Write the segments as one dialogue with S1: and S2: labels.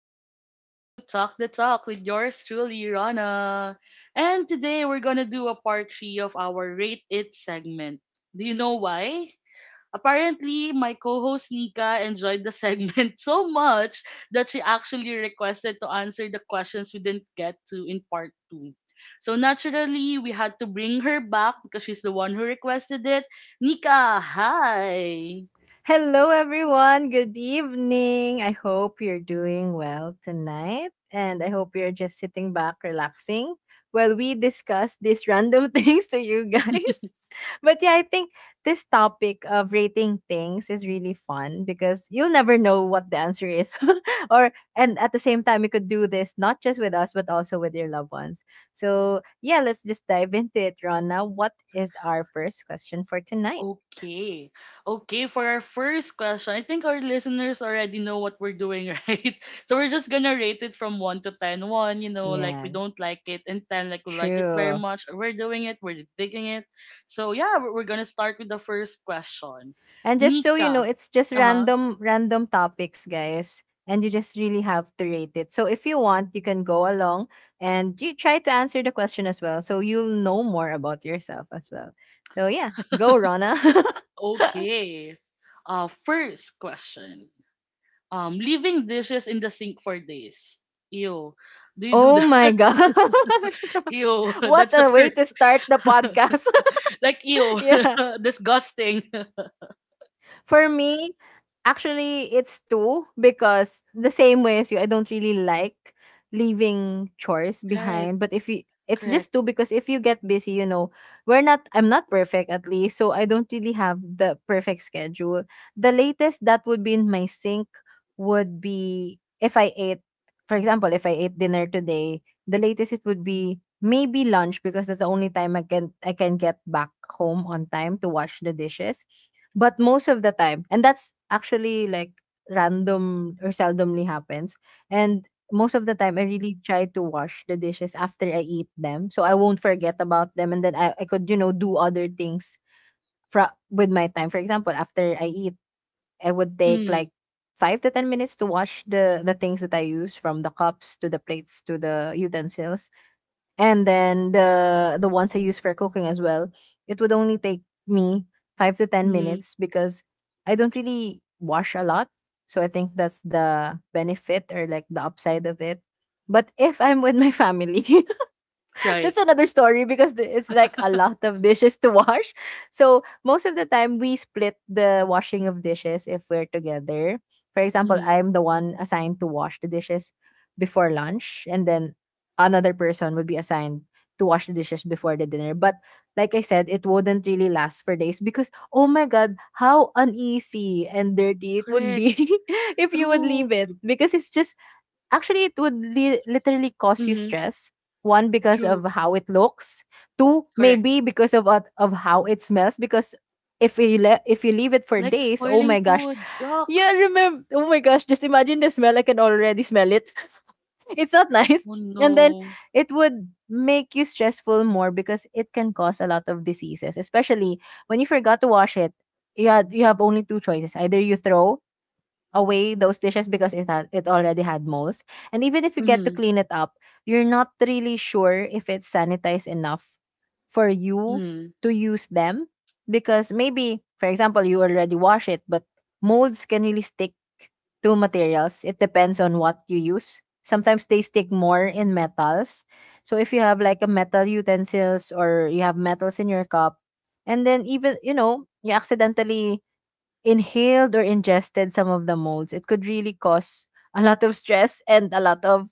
S1: back to Talk the Talk with yours truly, Rana. And today we're gonna do a part 3 of our Rate It segment. Do you know why? Apparently, my co-host Nika enjoyed the segment so much that she actually requested to answer the questions we didn't get to in part 2. So naturally, we had to bring her back because she's the one who requested it. Nika, hi!
S2: Hello, everyone. Good evening. I hope you're doing well tonight. And I hope you're just sitting back, relaxing while we discuss these random things to you guys. But yeah, I think this topic of rating things is really fun because you'll never know what the answer is. or and at the same time you could do this not just with us but also with your loved ones. So, yeah, let's just dive into it, Rana. What is our first question for tonight?
S1: Okay. Okay, for our first question, I think our listeners already know what we're doing, right? So we're just gonna rate it from 1 to 10. 1, like we
S2: Yeah,
S1: don't like it, and 10, like we like it very
S2: true.
S1: much. We're doing it, we're digging it. So yeah, we're gonna start with the first question.
S2: And just so you know,
S1: Nika.
S2: it's just
S1: Uh-huh.
S2: random topics, guys. And you just really have to rate it. So if you want, you can go along and you try to answer the question as well. So you'll know more about yourself as well. So yeah, go Rona.
S1: Okay. First question. Leaving dishes in the sink for days. Ew. Do you do
S2: Oh my
S1: that?
S2: gosh.
S1: Ew.
S2: What
S1: That's the
S2: a way to
S1: first.
S2: start the podcast.
S1: Like ew,
S2: Yeah.
S1: disgusting.
S2: For me, actually, it's two because the same way as you, I don't really like leaving chores
S1: Right,
S2: behind. But if you, It's just
S1: correct.
S2: two because if you get busy, you know, we're not, I'm not perfect at least. So I don't really have the perfect schedule. The latest that would be in my sink would be if I ate, for example, if I ate dinner today, the latest it would be maybe lunch because that's the only time I can get back home on time to wash the dishes, but most of the time, and that's actually like random or seldomly happens, and most of the time, I really try to wash the dishes after I eat them, so I won't forget about them, and then I could, you know, do other things fra with my time. For example, after I eat, I would take,
S1: Mm,
S2: like, 5 to 10 minutes to wash the things that I use, from the cups to the plates to the utensils, and then the ones I use for cooking as well, it would only take me five to ten
S1: mm,
S2: minutes because I don't really wash a lot. So I think that's the benefit or like the upside of it. But if I'm with my family, that's
S1: right.
S2: another story because it's like a lot of dishes to wash. So most of the time we split the washing of dishes if we're together. For example,
S1: Mm,
S2: I'm the one assigned to wash the dishes before lunch, and then another person would be assigned to wash the dishes before the dinner. But like I said, it wouldn't really last for days because oh my god, how uneasy and dirty it would
S1: correct.
S2: be if you would leave
S1: True.
S2: it. Because it's just Actually, it would literally cause you
S1: Mm,
S2: stress. One, because of
S1: true.
S2: how it looks. Two,
S1: Correct.
S2: maybe because of how it smells. Because if you if you leave it for
S1: Like
S2: days, oh
S1: spoiling
S2: my gosh,
S1: food. Yuck.
S2: yeah, remember. Oh my gosh, just imagine the smell. I can already smell it. It's not nice.
S1: Oh
S2: And then
S1: no.
S2: it would make you stressful more because it can cause a lot of diseases, especially when you forgot to wash it. Yeah, you have only two choices. Either you throw away those dishes because it already had molds. And even if you get to
S1: Mm,
S2: clean it up, you're not really sure if it's sanitized enough for you
S1: mm,
S2: to use them, because maybe for example you already wash it, but molds can really stick to materials. It depends on what you use. Sometimes they stick more in metals. So if you have like a metal utensils or you have metals in your cup, and then even, you know, you accidentally inhaled or ingested some of the molds, it could really cause a lot of stress and a lot of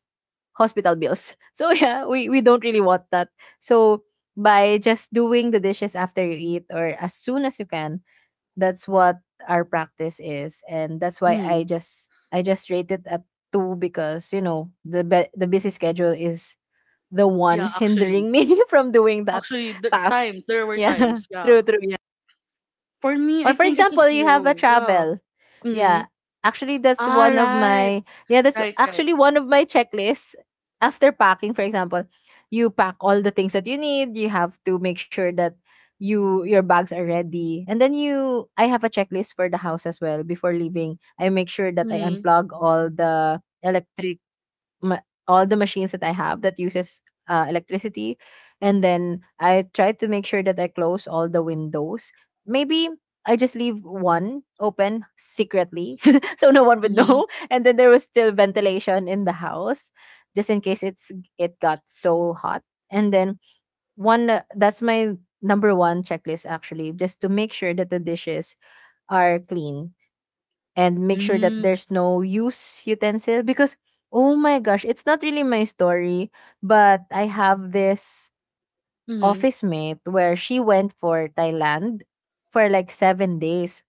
S2: hospital bills. So yeah, we don't really want that. So by just doing the dishes after you eat or as soon as you can, that's what our practice is. And that's why I
S1: mm.
S2: just I just rate it at two because you know the busy schedule is the one
S1: Yeah, actually.
S2: hindering me from doing that
S1: Actually, the
S2: task.
S1: time, there were
S2: Yeah.
S1: times.
S2: True,
S1: Yeah.
S2: true.
S1: For me,
S2: Or
S1: I
S2: for
S1: think it's a
S2: example, you have a
S1: zero. Yeah.
S2: travel.
S1: Mm.
S2: Yeah. Actually, that's
S1: Ah,
S2: one of
S1: right.
S2: my yeah, that's
S1: Right, right.
S2: actually one of my checklists. After packing, for example, you pack all the things that you need. You have to make sure that your bags are ready. And then you I have a checklist for the house as well. Before leaving, I make sure that I
S1: Mm,
S2: unplug all the electric all the machines that I have that uses electricity, and then I try to make sure that I close all the windows. Maybe I just leave one open secretly, so no one would
S1: mm,
S2: know, and then there was still ventilation in the house, just in case it got so hot. And then one that's my number one checklist actually, just to make sure that the dishes are clean and make sure that
S1: mm,
S2: there's no use utensil. Because Oh my gosh, it's not really my story, but I have this
S1: mm.
S2: office mate where she went for Thailand for like 7 days,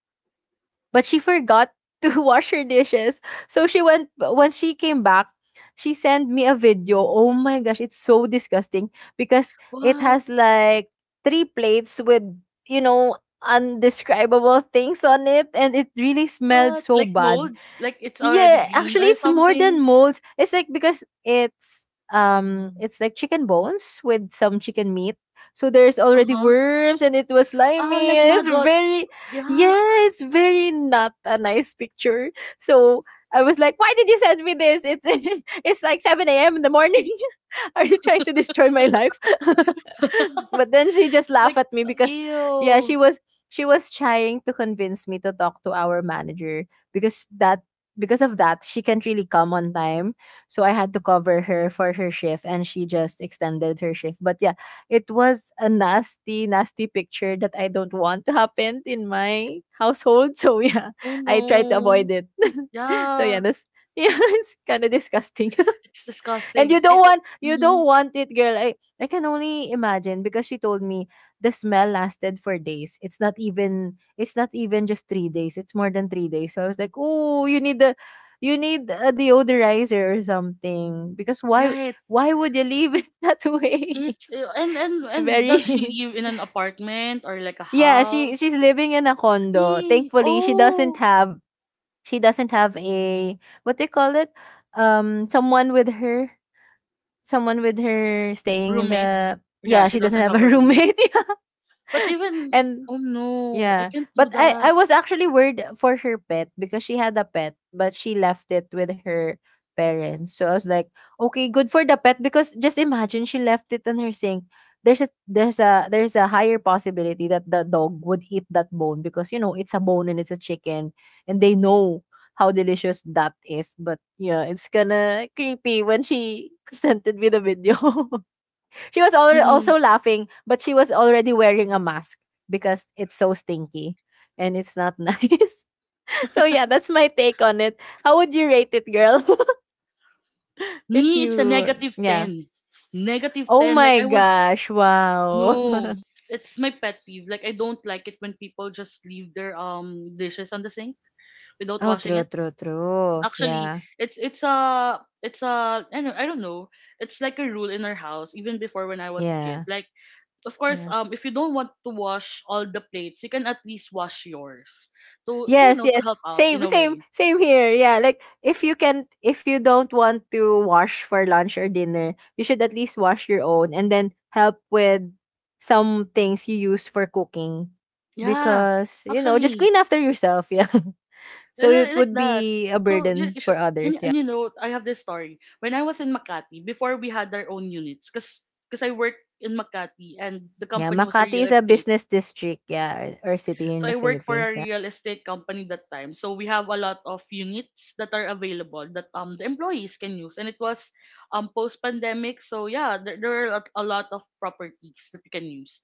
S2: but she forgot to wash her dishes. So she went When she came back, she sent me a video. Oh my gosh, it's so disgusting because it
S1: What?
S2: has like three plates with, you know, undescribable things on it and it really smelled
S1: What?
S2: so
S1: Like
S2: bad.
S1: molds? Like it's already
S2: Yeah,
S1: green
S2: actually
S1: or
S2: it's more than
S1: something?
S2: molds. It's like because it's like chicken bones with some chicken meat. So there's already
S1: Uh-huh.
S2: worms and it was
S1: Ah,
S2: slimy.
S1: like
S2: It's
S1: maggots.
S2: very
S1: Yuck.
S2: Yeah, it's very not a nice picture. So I was like, why did you send me this? It's it's like 7 a.m. in the morning. Are you trying to destroy my life? But then she just laughed
S1: Like,
S2: at me because yeah,
S1: ew.
S2: she was trying to convince me to talk to our manager because that because of that she can't really come on time. So I had to cover her for her shift and she just extended her shift. But yeah, it was a nasty, nasty picture that I don't want to happen in my household. So yeah,
S1: Oh
S2: I try to
S1: no.
S2: avoid it. So yeah,
S1: Yeah.
S2: yeah, it's kind of disgusting.
S1: It's
S2: And you
S1: disgusting.
S2: don't want you
S1: Hmm.
S2: don't want it, girl. I can only imagine because she told me the smell lasted for days. It's not even just 3 days. It's more than 3 days. So I was like, "Oh, you need a deodorizer or something because
S1: Right.
S2: why would you leave it that way?"
S1: It's ew. and and
S2: It's
S1: and does she
S2: very
S1: live in an apartment or like a
S2: yeah, she's
S1: house?
S2: living in a condo. Thankfully,
S1: Oh,
S2: she doesn't have a, what do you call it? Someone with her, staying in
S1: roommate.
S2: the,
S1: Yeah,
S2: yeah,
S1: she
S2: she doesn't
S1: doesn't
S2: have
S1: have
S2: a
S1: a roommate.
S2: roommate, yeah.
S1: But even
S2: And
S1: oh no, I
S2: yeah.
S1: can't do
S2: But
S1: that.
S2: I was actually worried for her pet because she had a pet, but she left it with her parents. So I was like, okay, good for the pet because just imagine she left it in her sink. There's a higher possibility that the dog would eat that bone because you know it's a bone and it's a chicken, and they know how delicious that is. But yeah, it's kinda creepy when she presented me the video. She was already also laughing, but she was already wearing a mask because it's so stinky and it's not nice. So yeah, that's my take on it. How would you rate it, girl? if
S1: Me, it's a
S2: you
S1: negative
S2: Yeah.
S1: 10. Negative
S2: Oh
S1: 10. Like,
S2: my
S1: I would,
S2: gosh,
S1: no.
S2: wow.
S1: It's my pet peeve. Like, I don't like it when people just leave their dishes on the sink without
S2: Oh,
S1: washing
S2: true,
S1: it.
S2: true, true.
S1: Actually,
S2: Yeah.
S1: it's it's a it's a I don't know. It's like a rule in our house even before when I was a kid.
S2: Yeah.
S1: Like, of course,
S2: Yeah.
S1: if you don't want to wash all the plates, you can at least wash yours to you
S2: Yes,
S1: know to
S2: yes.
S1: help out in
S2: Same,
S1: a
S2: same,
S1: way.
S2: same here. Yeah, like if you can, if you don't want to wash for lunch or dinner, you should at least wash your own and then help with some things you use for cooking,
S1: Yeah,
S2: because you know just
S1: actually.
S2: clean after yourself. Yeah,
S1: Li-
S2: so it
S1: li- like
S2: would
S1: that.
S2: be a
S1: So you,
S2: burden
S1: you
S2: for
S1: should, and,
S2: others.
S1: and
S2: Yeah,
S1: you know, I have this story. When I was in Makati, before we had our own units, because I worked in Makati and the
S2: yeah.
S1: company was a
S2: Makati
S1: real
S2: is a
S1: estate.
S2: business district. Yeah, or city here in
S1: So
S2: the
S1: I work for a
S2: Philippines. Yeah.
S1: real estate company that time. So we have a lot of units that are available that the employees can use, and it was post pandemic. So yeah, there are a lot of properties that we can use.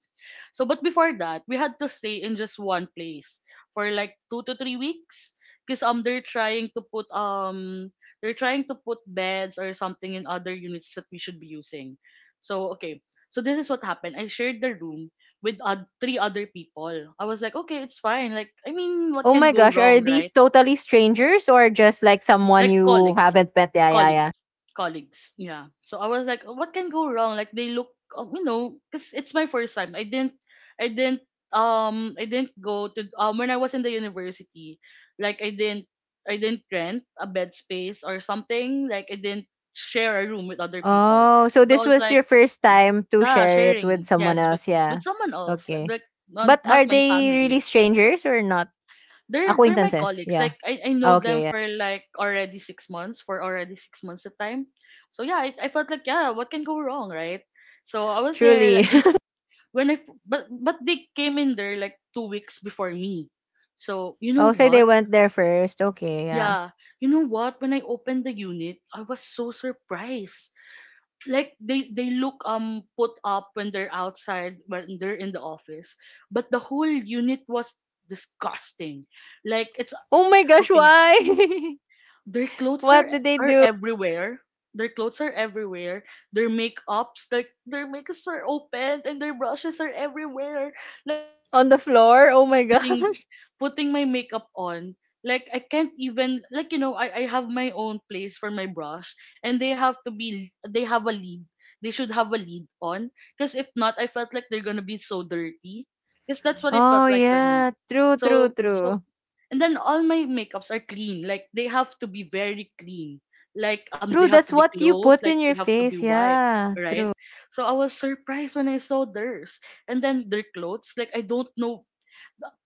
S1: So but before that, we had to stay in just one place for like 2 to 3 weeks because they're trying to put beds or something in other units that we should be using. So okay. So this is what happened. I shared the room with three other people. I was like, okay, it's fine. Like, I mean, what
S2: Oh
S1: can
S2: my
S1: go
S2: gosh, are
S1: wrong,
S2: these
S1: right?
S2: totally strangers or just like someone
S1: Like
S2: you
S1: colleagues,
S2: haven't met? Yeah, yeah, yeah.
S1: colleagues, colleagues. Yeah. So I was like, what can go wrong? Like they look, because it's my first time. I didn't, I didn't go to when I was in the university. Like I didn't rent a bed space or something. Like I didn't share a room with other people.
S2: Oh, so
S1: So I
S2: this
S1: was
S2: was
S1: like,
S2: your first time to
S1: yeah,
S2: share it
S1: sharing,
S2: with someone
S1: yes, with
S2: else,
S1: with
S2: yeah.
S1: someone else, like,
S2: Okay.
S1: not
S2: But
S1: not
S2: are
S1: my
S2: they
S1: family.
S2: really strangers or not?
S1: They're my
S2: Acquaintances,
S1: colleagues. Like
S2: yeah.
S1: I
S2: Ah,
S1: know them
S2: okay, yeah.
S1: for like already 6 months, for already 6 months of time. So yeah, I felt like yeah, what can go wrong, right? So I was there
S2: Truly.
S1: like in when I f- but they came in there like 2 weeks before me. So you know
S2: Will say they
S1: what?
S2: went there first. Okay, yeah.
S1: Yeah, you know what? When I opened the unit, I was so surprised. Like they look put up when they're outside when they're in the office, but the whole unit was disgusting. Like it's
S2: Oh my gosh,
S1: okay.
S2: why?
S1: Their clothes
S2: What
S1: are
S2: did they
S1: are
S2: do?
S1: everywhere. Their clothes are everywhere. Their makeups are open and their brushes are everywhere. Like as
S2: On the
S1: someone who
S2: floor?
S1: loves
S2: Oh my
S1: putting
S2: gosh.
S1: putting my makeup on, like I can't even, like, I have my own place for my brush, and they have a lid. They should have a lid on. Because if not, I felt like they're gonna be so dirty. Because that's what it felt
S2: Oh
S1: like for me.
S2: yeah. True, true,
S1: So
S2: true.
S1: and then all my makeups are clean, like they have to be very clean, like they
S2: True,
S1: have to
S2: that's
S1: be
S2: what you
S1: closed,
S2: put
S1: like
S2: in
S1: they
S2: your
S1: have to be
S2: face,
S1: wiped
S2: yeah.
S1: right.
S2: True.
S1: So I was surprised when I saw theirs, and then their clothes, like, I don't know.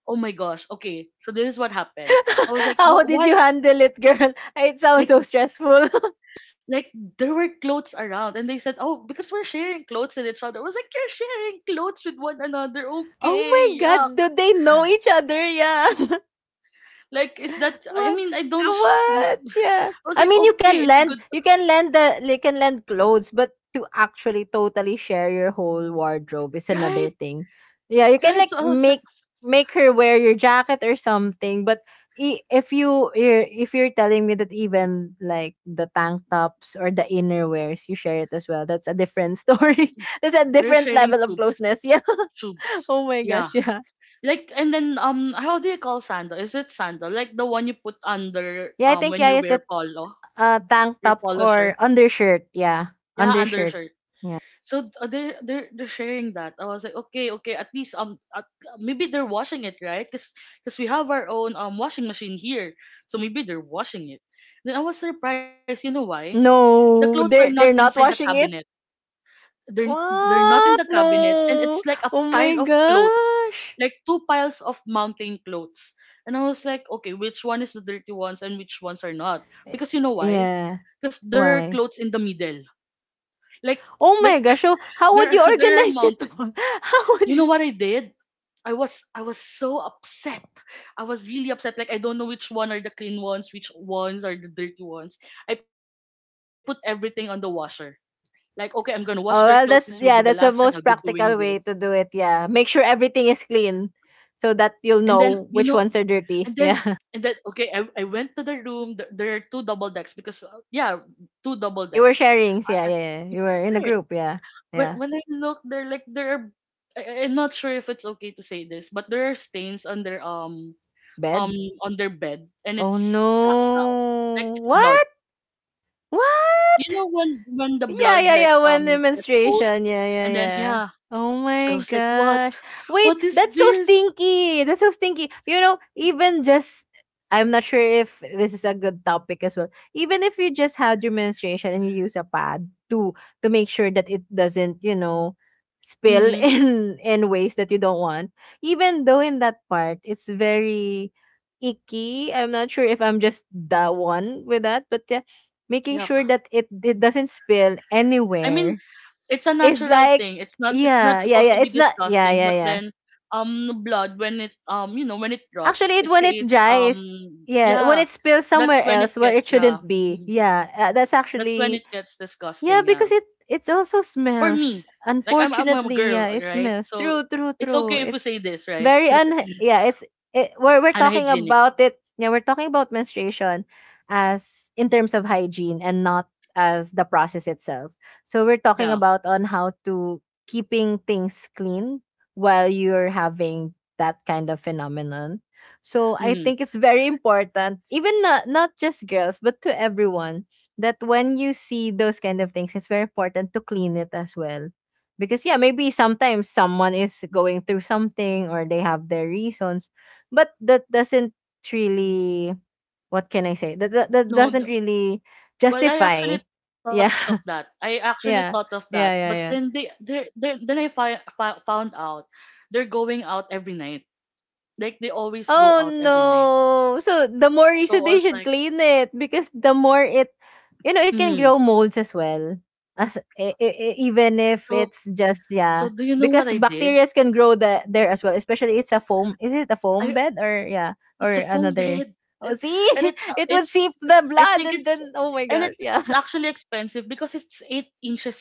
S1: Oh my gosh. Okay, so this is what happened. I was like,
S2: How
S1: "Wh-
S2: did you
S1: why
S2: handle it, girl? It sounds
S1: like,
S2: so stressful.
S1: like there were clothes around." And they said, "Oh, because we're sharing clothes with each other." I was like, "You're sharing clothes with one another?
S2: Oh
S1: Okay,
S2: my
S1: yuck.
S2: god, do they know each other? Yeah.
S1: Like, is that? I
S2: What?
S1: mean, I don't no."
S2: What? Yeah.
S1: I was
S2: I
S1: like,
S2: mean,
S1: okay, it's a good,
S2: you can lend clothes, but to actually totally share your whole wardrobe is
S1: right.
S2: another thing. Yeah, you can
S1: Right, so I
S2: like
S1: was like,
S2: make her wear your jacket or something, but if you're telling me that even like the tank tops or the innerwears you share it as well, that's a different story. That's a
S1: they're
S2: different
S1: sharing
S2: level of
S1: tubes,
S2: closeness. Yeah.
S1: tubes.
S2: Oh my
S1: Yeah,
S2: gosh. Yeah.
S1: like, and then, how do you call sandal? Is it sandal? Like the one you put under
S2: Yeah, I think
S1: when
S2: yeah,
S1: you
S2: yes,
S1: wear
S2: that
S1: polo,
S2: Tank
S1: your
S2: top
S1: polo shirt.
S2: or undershirt. Yeah,
S1: Yeah,
S2: undershirt.
S1: undershirt.
S2: Yeah.
S1: So they're sharing that. I was like, okay, okay. At least, maybe they're washing it, right? 'Cause we have our own washing machine here, so maybe they're washing it. Then I was surprised. You know why? The clothes
S2: No,
S1: are not
S2: they're
S1: inside
S2: not
S1: the
S2: washing
S1: cabinet.
S2: it.
S1: They're not in the
S2: What?
S1: cabinet, and it's
S2: No.
S1: like a
S2: Oh
S1: pile
S2: my
S1: of clothes,
S2: gosh.
S1: like two piles of mountain clothes. And I was like, okay, which one is the dirty ones and which ones are not? Because, you know why?
S2: Yeah.
S1: Because there are
S2: Why?
S1: clothes in the middle, like,
S2: Oh my
S1: like
S2: gosh. So how
S1: there
S2: would you
S1: are- there are
S2: organize it?
S1: mountains.
S2: How
S1: You
S2: would you?
S1: know what I did? I was so upset. I was really upset. Like, I don't know which one are the clean ones, which ones are the dirty ones. I put everything on the washer. Like, okay, I'm gonna wash their clothes. This will be
S2: Oh
S1: the
S2: well,
S1: last time
S2: that's
S1: I'll be
S2: yeah. That's the
S1: doing
S2: most
S1: this.
S2: practical way to do it. Yeah. Make sure everything is clean, so
S1: And
S2: that
S1: then,
S2: you'll
S1: you know,
S2: know which ones are
S1: and then,
S2: dirty.
S1: and
S2: Yeah.
S1: then, okay, I went to the room. There are two double decks because, yeah, two double
S2: You were
S1: decks.
S2: sharings.
S1: I, I,
S2: Yeah, yeah, yeah. You were in a
S1: Right.
S2: group. Yeah.
S1: When,
S2: Yeah.
S1: I look, there, like, there are, I- I'm not sure if it's okay to say this, but there are stains on their, um,
S2: Bed.
S1: on their bed, and
S2: Oh
S1: it's black now. Like,
S2: no.
S1: it's blood.
S2: What?
S1: You
S2: What?
S1: know when, the blood, like,
S2: Yeah, yeah, yeah. When the
S1: gets old.
S2: menstruation. Yeah,
S1: And
S2: yeah,
S1: then,
S2: yeah.
S1: yeah,
S2: Oh
S1: I was
S2: my
S1: like, what?
S2: gosh.
S1: What
S2: Wait,
S1: is
S2: that's so
S1: this?
S2: stinky. That's so stinky. You know, even just I'm not sure if this is a good topic as well. Even if you just had your menstruation and you use a pad to make sure that it doesn't spill
S1: Mm-hmm.
S2: in ways that you don't want. Even though in that part it's very icky. I'm not sure if I'm just the one with that, but yeah, making sure
S1: Yuck.
S2: that it doesn't spill
S1: I mean,
S2: anywhere
S1: it's a
S2: is
S1: natural
S2: like,
S1: thing. It's not
S2: yeah, yeah,
S1: supposed to
S2: yeah,
S1: be
S2: it's not, yeah,
S1: disgusting,
S2: yeah,
S1: but
S2: yeah,
S1: then blood, when it rots,
S2: actually
S1: it
S2: it when it
S1: creates,
S2: dries, yeah, when
S1: yeah.
S2: it spills
S1: That's
S2: somewhere
S1: when it
S2: else where it
S1: gets, yeah.
S2: shouldn't be,
S1: Mhm.
S2: yeah. That's
S1: That's when
S2: actually,
S1: it gets
S2: yeah,
S1: disgusting, yeah.
S2: because it also
S1: For
S2: smells.
S1: me. Like, I'm a
S2: Unfortunately,
S1: girl,
S2: yeah, it
S1: right?
S2: smells.
S1: So
S2: True, true,
S1: it's okay
S2: true.
S1: if we
S2: It's
S1: say this, right?
S2: very un. Yeah, it's we're talking
S1: Unhygienic.
S2: about it. Yeah, we're talking about menstruation as in terms of hygiene and not as the process itself. So we're talking
S1: Yeah.
S2: about on how to keeping things clean while you're having that kind of phenomenon. So I
S1: Hmm.
S2: think it's very important, even not just girls, but to everyone that when you see those kind of things, it's very important to clean it as well. Because yeah, maybe sometimes someone is going through something or they have their reasons, but that doesn't really what can I say? That
S1: No,
S2: doesn't really
S1: well, I
S2: justify.
S1: actually thought of that.
S2: Yeah.
S1: I actually thought of that,
S2: Yeah.
S1: but then
S2: Yeah, yeah.
S1: they then I found out they're going out every night. Like, they always go out
S2: Oh
S1: every night.
S2: no. So the more
S1: So I
S2: reason
S1: was
S2: they
S1: like,
S2: should clean it, because the more it can
S1: mm.
S2: grow molds as well. As even if
S1: so
S2: it's just,
S1: so
S2: yeah,
S1: do you know what I
S2: because
S1: did?
S2: bacteria can grow there as well. Especially it's a foam. Is it a
S1: I
S2: foam bed or yeah, or
S1: It's a foam
S2: another?
S1: bed,
S2: Oh,
S1: and
S2: see,
S1: and
S2: it would seep
S1: it's-
S2: the
S1: I
S2: blood
S1: think
S2: and
S1: it's
S2: then oh my
S1: and
S2: gosh,
S1: it's
S2: yeah.
S1: actually expensive because it's 8 inches thick.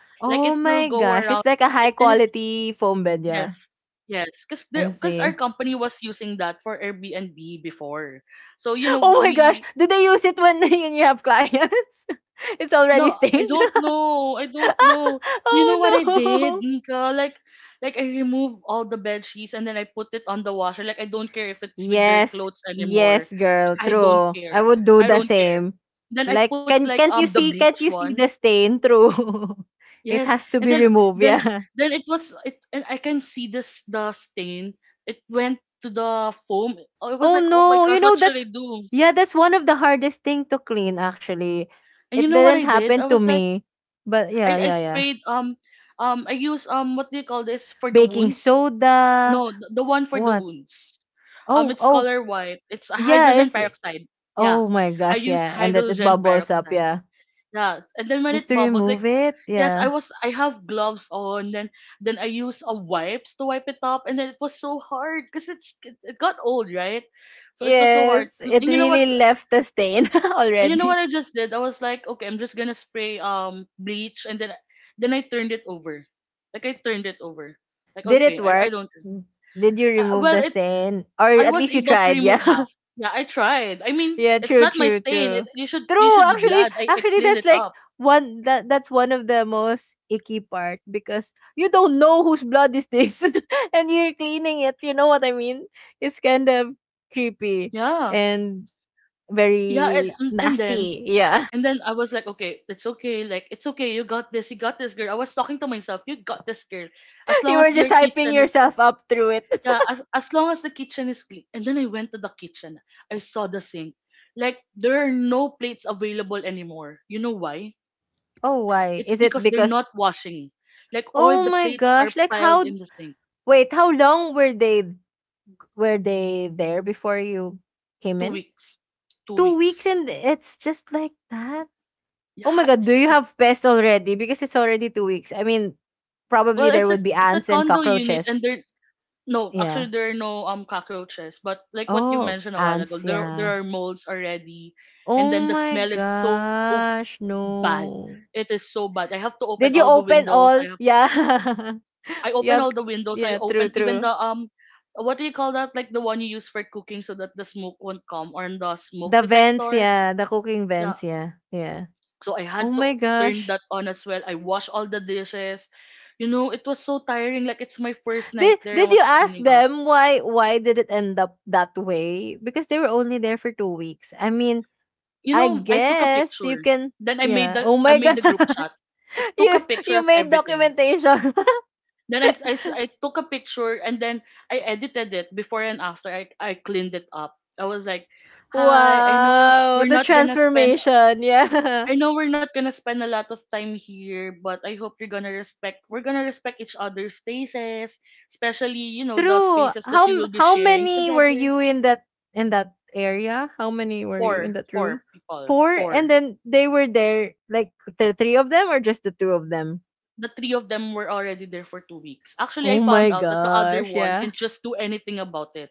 S1: Like, it
S2: Oh
S1: will
S2: my
S1: go around,
S2: gosh, it's like a
S1: and,
S2: high
S1: and it's,
S2: quality foam bed. Yeah,
S1: yes. Yes, because
S2: I
S1: our
S2: see.
S1: company was using that for Airbnb before, so you know
S2: Oh my gosh,
S1: we.
S2: do they use it when you have clients? It's
S1: No,
S2: already
S1: I
S2: stained.
S1: don't know. I don't know. You know what
S2: Oh
S1: I did,
S2: no.
S1: Nika? Like, I remove all the bed sheets and then I put it on the washer. Like, I don't care if it's with their
S2: Yes.
S1: clothes anymore.
S2: Yes, girl.
S1: Like, I don't
S2: True. I
S1: care.
S2: would do
S1: I
S2: the
S1: don't care.
S2: same.
S1: Then I
S2: Like
S1: put, like, the bleach
S2: can't you see
S1: one.
S2: the stain? True. It
S1: Yes,
S2: has to
S1: and
S2: be removed,
S1: then
S2: yeah.
S1: then it was it, and I can see this the stain. It went to the foam. I was
S2: Oh
S1: like, oh my
S2: no. You
S1: gosh,
S2: know
S1: what should I
S2: that's,
S1: do?
S2: yeah, that's one of the hardest thing to clean actually.
S1: And you
S2: It
S1: know what
S2: didn't
S1: I did?
S2: happen
S1: I
S2: to
S1: was like.
S2: me. But yeah,
S1: I
S2: yeah, yeah.
S1: sprayed, I use, what do you call this for the
S2: Baking
S1: wounds?
S2: soda.
S1: No, the one for the
S2: What?
S1: wounds.
S2: Oh,
S1: It's
S2: oh.
S1: color white. It's a
S2: Yeah,
S1: hydrogen
S2: it's
S1: peroxide. Yeah,
S2: oh my
S1: I
S2: gosh,
S1: use
S2: yeah. And that it
S1: hydrogen
S2: bubbles up,
S1: peroxide.
S2: yeah.
S1: Yeah, and then when
S2: Just
S1: it
S2: to
S1: bubbled, like,
S2: remove it,
S1: yes,
S2: yeah.
S1: I have gloves on. Then I use a wipes to wipe it up, and then it was so hard because it got old, right? So it was so hard.
S2: Yes, it
S1: And you know what?
S2: really left the stain
S1: And you know
S2: already.
S1: what I just did? I was like, okay, I'm just gonna spray bleach, and then I turned it over, like I turned it over, like
S2: Did it
S1: okay, I
S2: work?
S1: don't.
S2: Mm. Did you remove
S1: Well,
S2: the
S1: it
S2: stain? Or
S1: I
S2: at
S1: was
S2: least you
S1: able to
S2: tried, yeah.
S1: remove half. Yeah, I tried. I mean,
S2: Yeah,
S1: it's
S2: true,
S1: not my
S2: true,
S1: stain.
S2: true.
S1: You should you
S2: True,
S1: should be
S2: actually,
S1: glad I
S2: actually
S1: cleaned
S2: that's
S1: it
S2: like
S1: up.
S2: one that that's one of the most icky part because you don't know whose blood is this and you're cleaning it, you know what I mean? It's kind of creepy
S1: Yeah,
S2: and
S1: yeah, and
S2: very
S1: and and then
S2: nasty. Yeah.
S1: and then I was like, okay, it's okay. Like it's okay. You got this. You got this, girl. I was talking to myself. You got this, girl. As long
S2: You were
S1: as your
S2: just hyping
S1: kitchen is.
S2: yourself up through it.
S1: Yeah, as long as the kitchen is clean. And then I went to the kitchen. I saw the sink. Like there are no plates available anymore. You know why?
S2: Oh, why?
S1: It's
S2: Is it
S1: because they're not
S2: because.
S1: washing. Like all
S2: Oh
S1: the
S2: my
S1: plates
S2: gosh!
S1: are
S2: Like
S1: piled
S2: how?
S1: in the sink.
S2: Wait, how long were they there before you came
S1: Two
S2: in?
S1: weeks. Two
S2: 2 weeks,
S1: weeks.
S2: and it's just like that. Oh my
S1: Yeah,
S2: god! Do
S1: it's
S2: you
S1: two.
S2: have pests already? Because it's already 2 weeks. I mean, probably
S1: Well,
S2: there
S1: it's a
S2: would be
S1: it's a
S2: ants and
S1: condo unit,
S2: cockroaches.
S1: and there, no, actually
S2: Yeah.
S1: there are no cockroaches. But like what you
S2: Oh,
S1: mentioned a while ago,
S2: ants.
S1: there
S2: Yeah.
S1: are molds already, and
S2: Oh
S1: then the
S2: my
S1: smell is so
S2: gosh!
S1: bad. It
S2: No.
S1: is so bad. I have to open all the
S2: Did you
S1: windows.
S2: open all? Yeah.
S1: I opened
S2: You
S1: all
S2: have.
S1: the windows. I
S2: Yeah. True.
S1: opened even the
S2: True.
S1: what do you call that? Like the one you use for cooking so that the smoke won't come, or the smoke
S2: The vents.
S1: detector.
S2: Yeah. The cooking
S1: Yeah.
S2: vents. Yeah. Yeah.
S1: So I
S2: Oh
S1: had
S2: my
S1: to turn
S2: gosh.
S1: that on as well. I washed all the dishes. You know, it was so tiring. Like it's my first night
S2: Did
S1: there. I
S2: did you
S1: was
S2: ask
S1: cleaning up.
S2: them why did it end up that way? Because they were only there for 2 weeks. I mean,
S1: You
S2: I
S1: know, I took a
S2: guess you
S1: picture.
S2: can.
S1: Then I made
S2: Yeah.
S1: the
S2: Oh
S1: I
S2: my
S1: made
S2: god.
S1: the group chat. I took a
S2: you
S1: picture
S2: you
S1: of
S2: made
S1: everything.
S2: documentation.
S1: Then I took a picture, and then I edited it before and after. I cleaned it up. I was like, hi,
S2: Wow, the transformation. Yeah.
S1: I know we're not gonna spend a lot of time here, but I hope you're gonna respect we're gonna respect each other's spaces, especially, the
S2: True.
S1: spaces that
S2: How
S1: we
S2: m-
S1: will be
S2: how
S1: sharing
S2: many were
S1: together.
S2: you in that area? How many were you in
S1: Four
S2: that room?
S1: four people.
S2: Four, and
S1: Four.
S2: then they were there like the three of them or just the two of them?
S1: The three of them were already there for 2 weeks. Actually, I
S2: Oh
S1: found
S2: my
S1: out that the other
S2: gosh,
S1: one
S2: yeah.
S1: can just do anything about it,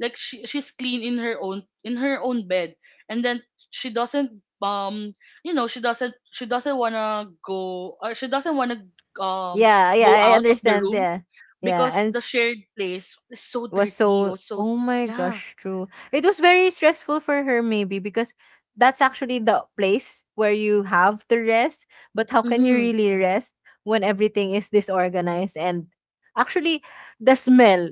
S1: like she's clean in her own bed, and then she doesn't um you know she doesn't want to go, or she doesn't want to um
S2: Yeah, yeah,
S1: go
S2: I
S1: out of the
S2: understand,
S1: room
S2: yeah. Yeah,
S1: because
S2: and
S1: the shared place is so
S2: was
S1: dirty
S2: so
S1: or so.
S2: oh my
S1: Yeah.
S2: gosh, true. It was very stressful for her maybe because that's actually the place where you have to rest, but how can you
S1: Mm-hmm.
S2: really rest when everything is disorganized, and actually the smell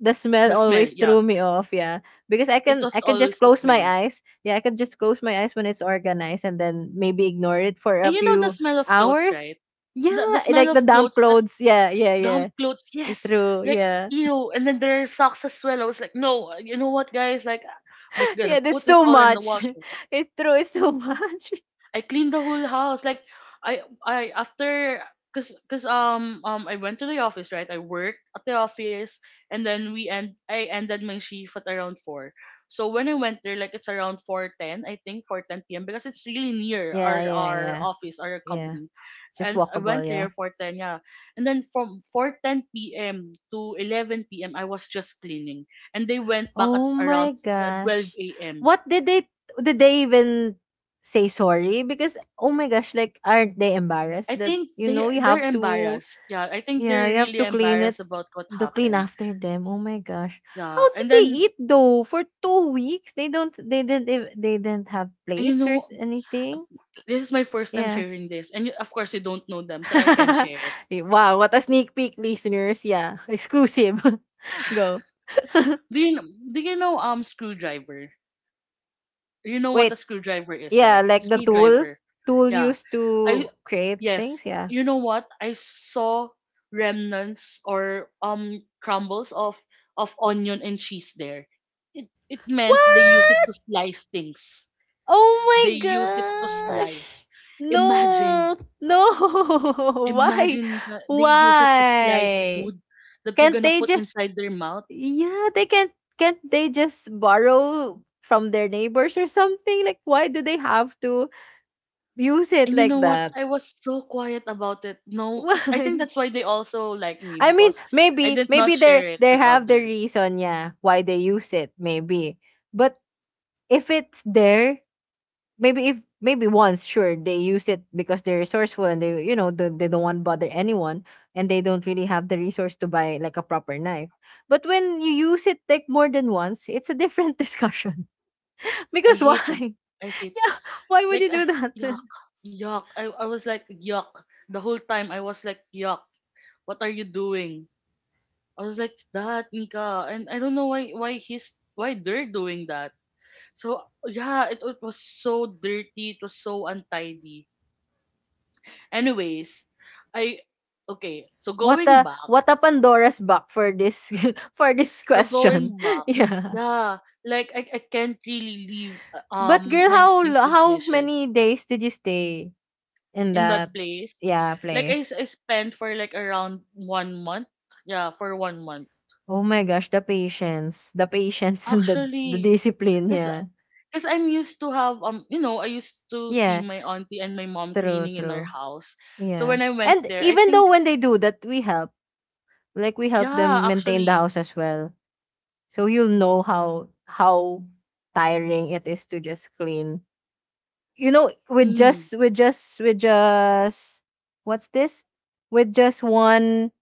S2: the smell
S1: The smell,
S2: always
S1: yeah,
S2: threw me off, yeah. Because
S1: it
S2: I
S1: was
S2: can just
S1: always the
S2: close my
S1: smell.
S2: eyes. Yeah, I can just close my eyes when it's organized and then maybe ignore it for a
S1: And you know the
S2: few
S1: smell of clothes,
S2: hours.
S1: right? The
S2: Yeah, eh,
S1: smell
S2: like the
S1: of
S2: damp
S1: clothes, that
S2: clothes. Yeah, yeah, yeah.
S1: damp clothes,
S2: It's
S1: yes.
S2: true.
S1: Like,
S2: Yeah.
S1: ew. And then there are socks as well. I was like, no, you know what, guys, like I'm just gonna
S2: Yeah,
S1: put
S2: that's
S1: this
S2: too
S1: all in the
S2: much.
S1: washer.
S2: It's true, it's too much.
S1: I cleaned the whole house. Like I after, cause I went to the office, right? I worked at the office, and then we end I ended my shift at around four. So when I went there, like it's around 4:10, I think 4:10 p.m., because it's really near
S2: Yeah,
S1: our
S2: yeah,
S1: our
S2: yeah.
S1: office, our
S2: Yeah.
S1: company.
S2: Just
S1: And I went
S2: walkable,
S1: there
S2: yeah.
S1: 4:10, yeah. And then from 4:10 p.m. to 11 p.m. I was just cleaning. And they went back at
S2: Oh
S1: around
S2: my
S1: 12
S2: gosh.
S1: AM.
S2: What did they even say sorry? Because oh my gosh, like aren't they
S1: I
S2: embarrassed that
S1: think
S2: you
S1: they
S2: know you
S1: they're
S2: have to,
S1: embarrassed. Yeah, I think
S2: yeah,
S1: they're
S2: you have
S1: really
S2: to clean it,
S1: embarrassed about what
S2: to clean
S1: happened.
S2: after them. Oh my gosh. How
S1: Yeah,
S2: did
S1: and
S2: they
S1: then
S2: eat though for 2 weeks? They don't they didn't ev- they didn't have
S1: and you
S2: plates or
S1: know,
S2: anything?
S1: this is my first time
S2: Yeah.
S1: sharing this, of course you don't know them, so I can share it.
S2: Wow, what a sneak peek, listeners. Yeah, exclusive. Go.
S1: Do you know screwdriver? You know what a
S2: Wait.
S1: screwdriver is,
S2: Yeah,
S1: right?
S2: like the tool.
S1: Screwdriver.
S2: Tool
S1: Yeah,
S2: used
S1: I
S2: to create
S1: yes.
S2: things, yeah.
S1: You know what? I saw remnants or crumbles of onion and cheese there. It meant they use it to
S2: What?
S1: slice things.
S2: Oh
S1: They
S2: my
S1: use it to
S2: gosh.
S1: slice. Imagine,
S2: No. No. Why?
S1: imagine Nika, they use it to slice
S2: Why?
S1: food that they're
S2: Can't
S1: gonna
S2: they
S1: put
S2: just.
S1: inside their mouth.
S2: Yeah, they can't they just borrow from their neighbors or something? Like why do they have to use it
S1: And you
S2: like
S1: know what?
S2: that?
S1: I was so quiet about it. No, I think
S2: Why?
S1: that's why they also like me
S2: I mean,
S1: because I
S2: maybe
S1: did not
S2: maybe they
S1: share it
S2: they
S1: with
S2: have the
S1: others.
S2: reason, yeah, why they use it, maybe. But if it's there, maybe if maybe once, sure, they use it because they're resourceful, and they you know they don't want to bother anyone, and they don't really have the resource to buy like a proper knife. But when you use it like more than once, it's a different discussion.
S1: I
S2: Because
S1: hate it.
S2: why?
S1: I hate
S2: Yeah, why would you
S1: like
S2: do
S1: I,
S2: that?
S1: Yuck, yuck. I was like yuck the whole time. I was like yuck. What are you doing? I was like that, Nika, and I don't know why they're doing that. So yeah, it was so dirty, it was so untidy. Anyways, I okay, so
S2: What
S1: going
S2: a
S1: back,
S2: Pandora's box for this for this
S1: so
S2: question.
S1: going back,
S2: Yeah.
S1: yeah, like I can't really leave
S2: But girl,
S1: my
S2: how
S1: sink
S2: lo-
S1: with
S2: how
S1: dishes
S2: many days did you stay in
S1: in
S2: that,
S1: that place.
S2: yeah,
S1: Like I, s-
S2: place?
S1: I spent for like around one month. Yeah, for one month.
S2: Oh my gosh, the patience and the
S1: Actually,
S2: discipline,
S1: cause,
S2: yeah.
S1: cause I'm used to have, I used to see
S2: Yeah,
S1: my auntie and my mom
S2: true,
S1: cleaning in our
S2: true.
S1: house. So
S2: Yeah.
S1: when I went
S2: And
S1: there, I
S2: even though
S1: think,
S2: when they do that, we help. Like we help
S1: yeah,
S2: them maintain the
S1: actually,
S2: house as well. So you'll know how tiring it is to just clean. You know,
S1: mm.
S2: with just what's this? With just one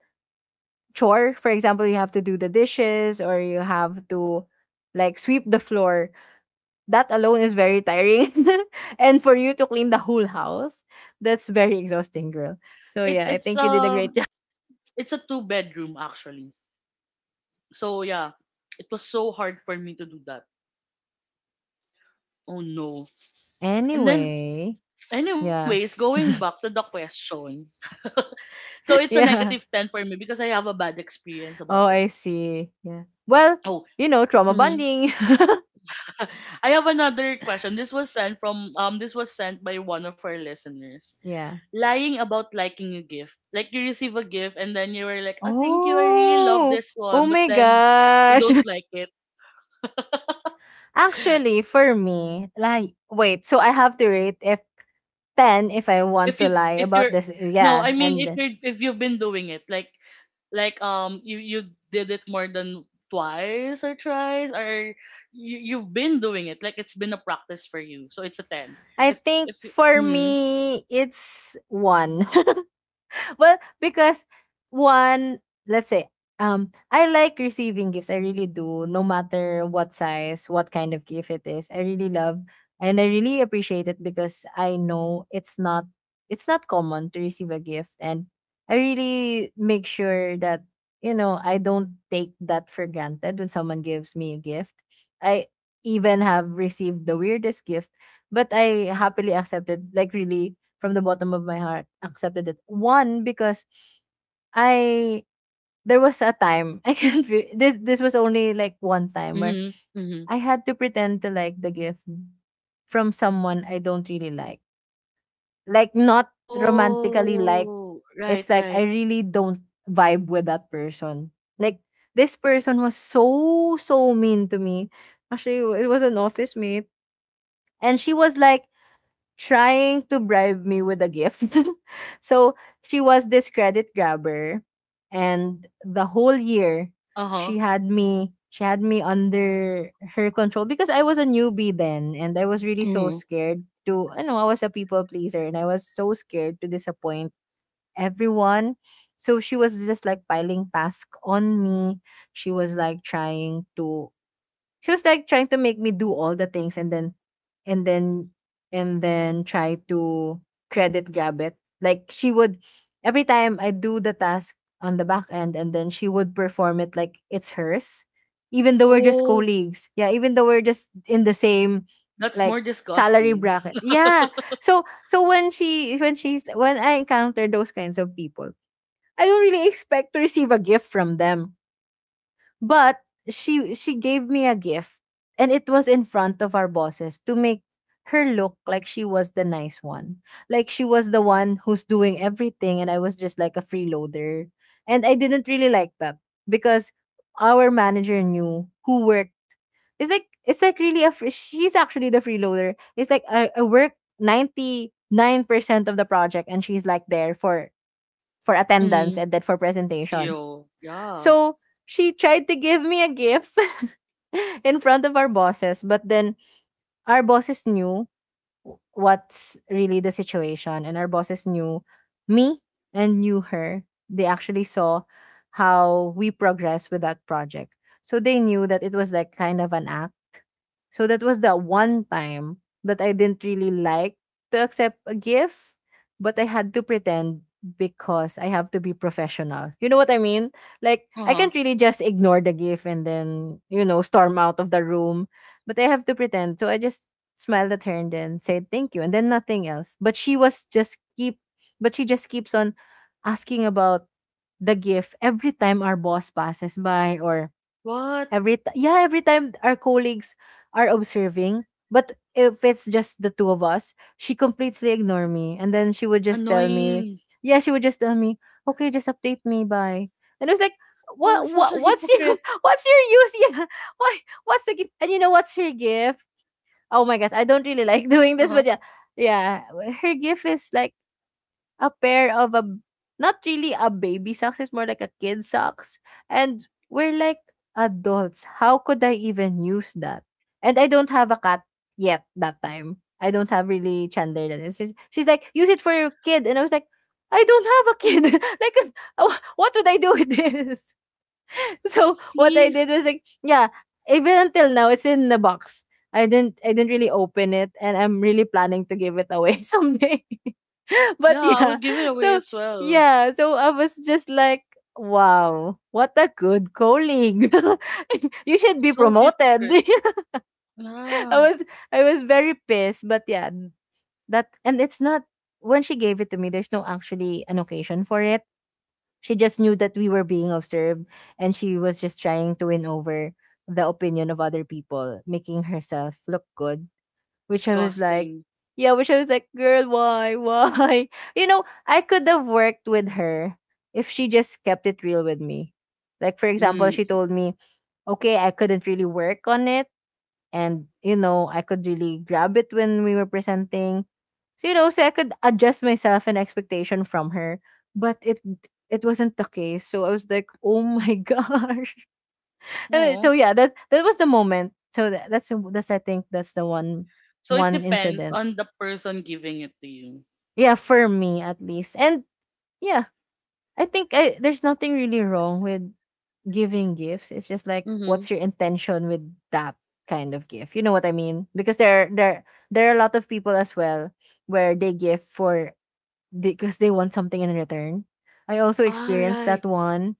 S2: chore, for example, you have to do the dishes or you have to like sweep the floor. That alone is very tiring. And for you to clean the whole house, that's very exhausting, girl. So
S1: It
S2: yeah, I
S1: it's
S2: think you did a great
S1: um
S2: job.
S1: it's a two-bedroom actually. So yeah, it was so hard for me to do that. Oh no. And then
S2: Anyway,
S1: anyways,
S2: yeah.
S1: going back to the question. So it's a negative
S2: Yeah.
S1: 10 for me because I have a bad experience about
S2: Oh,
S1: it.
S2: I see. Yeah. Well,
S1: Oh,
S2: you know, trauma
S1: mhm.
S2: bonding.
S1: I have another question. This was sent from this was sent by one of our listeners.
S2: Yeah.
S1: Lying about liking a gift. Like, you receive a gift and then you were like, "Oh, thank you. I really love
S2: Oh.
S1: this one."
S2: Oh
S1: But
S2: my
S1: then you
S2: gosh.
S1: don't like it.
S2: Actually, for me, like wait, so I have to rate if 10 if I want
S1: if you
S2: to lie
S1: if
S2: about
S1: you're
S2: this.
S1: no, I
S2: Yeah.
S1: mean, if
S2: And
S1: you're if you've been doing it like, you did it more than twice or thrice, or you've been doing it like it's been a practice for you, so it's a 10.
S2: I
S1: if
S2: think
S1: if you,
S2: for
S1: mm,
S2: me it's 1. Well, because one, let's say, I like receiving gifts. I really do, no matter what size, what kind of gift it is. I really love and I really appreciate it because I know it's not common to receive a gift, and I really make sure that I don't take that for granted when someone gives me a gift. I even have received the weirdest gift, but I happily accepted like really from the bottom of my heart accepted it. One, because I there was a time I can re- this was only like one time where
S1: mm, mm.
S2: I had to pretend to like the gift from someone I don't really like. Like not romantically like
S1: Oh,
S2: it's
S1: right,
S2: like I
S1: right.
S2: really don't vibe with that person. Like this person was so, so mean to me. Actually, it was an office mate and she was like trying to bribe me with a gift. So she was this credit grabber, and the whole year
S1: Uh-huh.
S2: she had me under her control because I was a newbie then, and I was really so
S1: Mm.
S2: scared to, I know, I was a people pleaser, and I was so scared to disappoint everyone. So she was just like piling tasks on me. She was like trying to she was like trying to make me do all the things, and then and then try to credit grab it. Like she would Every time I do the task on the back end, and then she would perform it like it's hers. Even though we're just
S1: Oh,
S2: colleagues. Yeah, even though we're just in the same,
S1: that's more
S2: like, salary
S1: disgusting.
S2: bracket. Yeah. So when she when she's when I encounter those kinds of people, I don't really expect to receive a gift from them. But she gave me a gift, and it was in front of our bosses to make her look like she was the nice one. Like she was the one who's doing everything and I was just like a freeloader. And I didn't really like that because our manager knew who worked. It's like she's actually the freeloader. It's like I work 99% of the project and she's like there for attendance
S1: Mm.
S2: and then for presentation.
S1: Ew, yeah.
S2: So she tried to give me a gift in front of our bosses, but then our bosses knew what's really the situation, and our bosses knew me and knew her. They actually saw how we progress with that project. So they knew that it was like kind of an act. So that was the one time that I didn't really like to accept a gift, but I had to pretend because I have to be professional. You know what I mean? Like I
S1: Uh-huh.
S2: can't really just ignore the gift and then, you know, storm out of the room, but I have to pretend. So I just smiled at her and then said thank you and then nothing else. But she just keeps on asking about the gift every time our boss passes by or
S1: What?
S2: Every ti yeah, every time our colleagues are observing, but if it's just the two of us, she completely ignore me, and then
S1: Annoying.
S2: she would just tell me, "Okay, just update me, bye." And I was like,
S1: Well,
S2: "What?
S1: such a
S2: What? What's
S1: hypocrite.
S2: your? What's your use? Yeah, why? What's the gift?" And you know what's her gift? Oh my god, I
S1: Uh-huh.
S2: don't really like doing this, but yeah, yeah, her gift is like a pair of a, not really a baby socks, it's more like a kid socks. And we're like adults. How could I even use that? And I don't have a cat yet that time. I don't have really Chandler that is. She's like, use it for your kid. And I was like, I don't have a kid. Like, what would I do with this? So what I
S1: See.
S2: did was, like, yeah, even until now, it's in the box. I didn't really open it, and I'm really planning to give it away someday. But
S1: Yeah, I
S2: yeah.
S1: would give it away
S2: So
S1: as well.
S2: yeah, so I was just like, wow, what a good colleague. You should be
S1: So
S2: promoted.
S1: hypocrite.
S2: I
S1: Yeah.
S2: was I was very pissed, but yeah. That, and it's not, when she gave it to me, there's no actually an occasion for it. She just knew that we were being observed, and she was just trying to win over the opinion of other people, making herself look good, which I was like,
S1: Disgusting.
S2: yeah, which I was like, girl, why? Why? You know, I could have worked with her if she just kept it real with me. Like, for example, she
S1: Mm.
S2: told me, okay, I couldn't really work on it, and you know I could really grab it when we were presenting, so you know, so I could adjust myself and expectation from her. But it wasn't the case, so I was like, oh my gosh. So
S1: No.
S2: yeah, that was the moment. So that's I think that's the one
S1: So it
S2: one
S1: depends
S2: incident,
S1: on the person giving it to you.
S2: yeah, for me at least. And yeah, I think there's nothing really wrong with giving gifts, it's just like,
S1: Mm-hmm.
S2: what's your intention with that kind of gift, you know what I mean? Because there are a lot of people as well where they give for because they want something in return. I also
S1: Ah,
S2: experienced that
S1: right.
S2: one.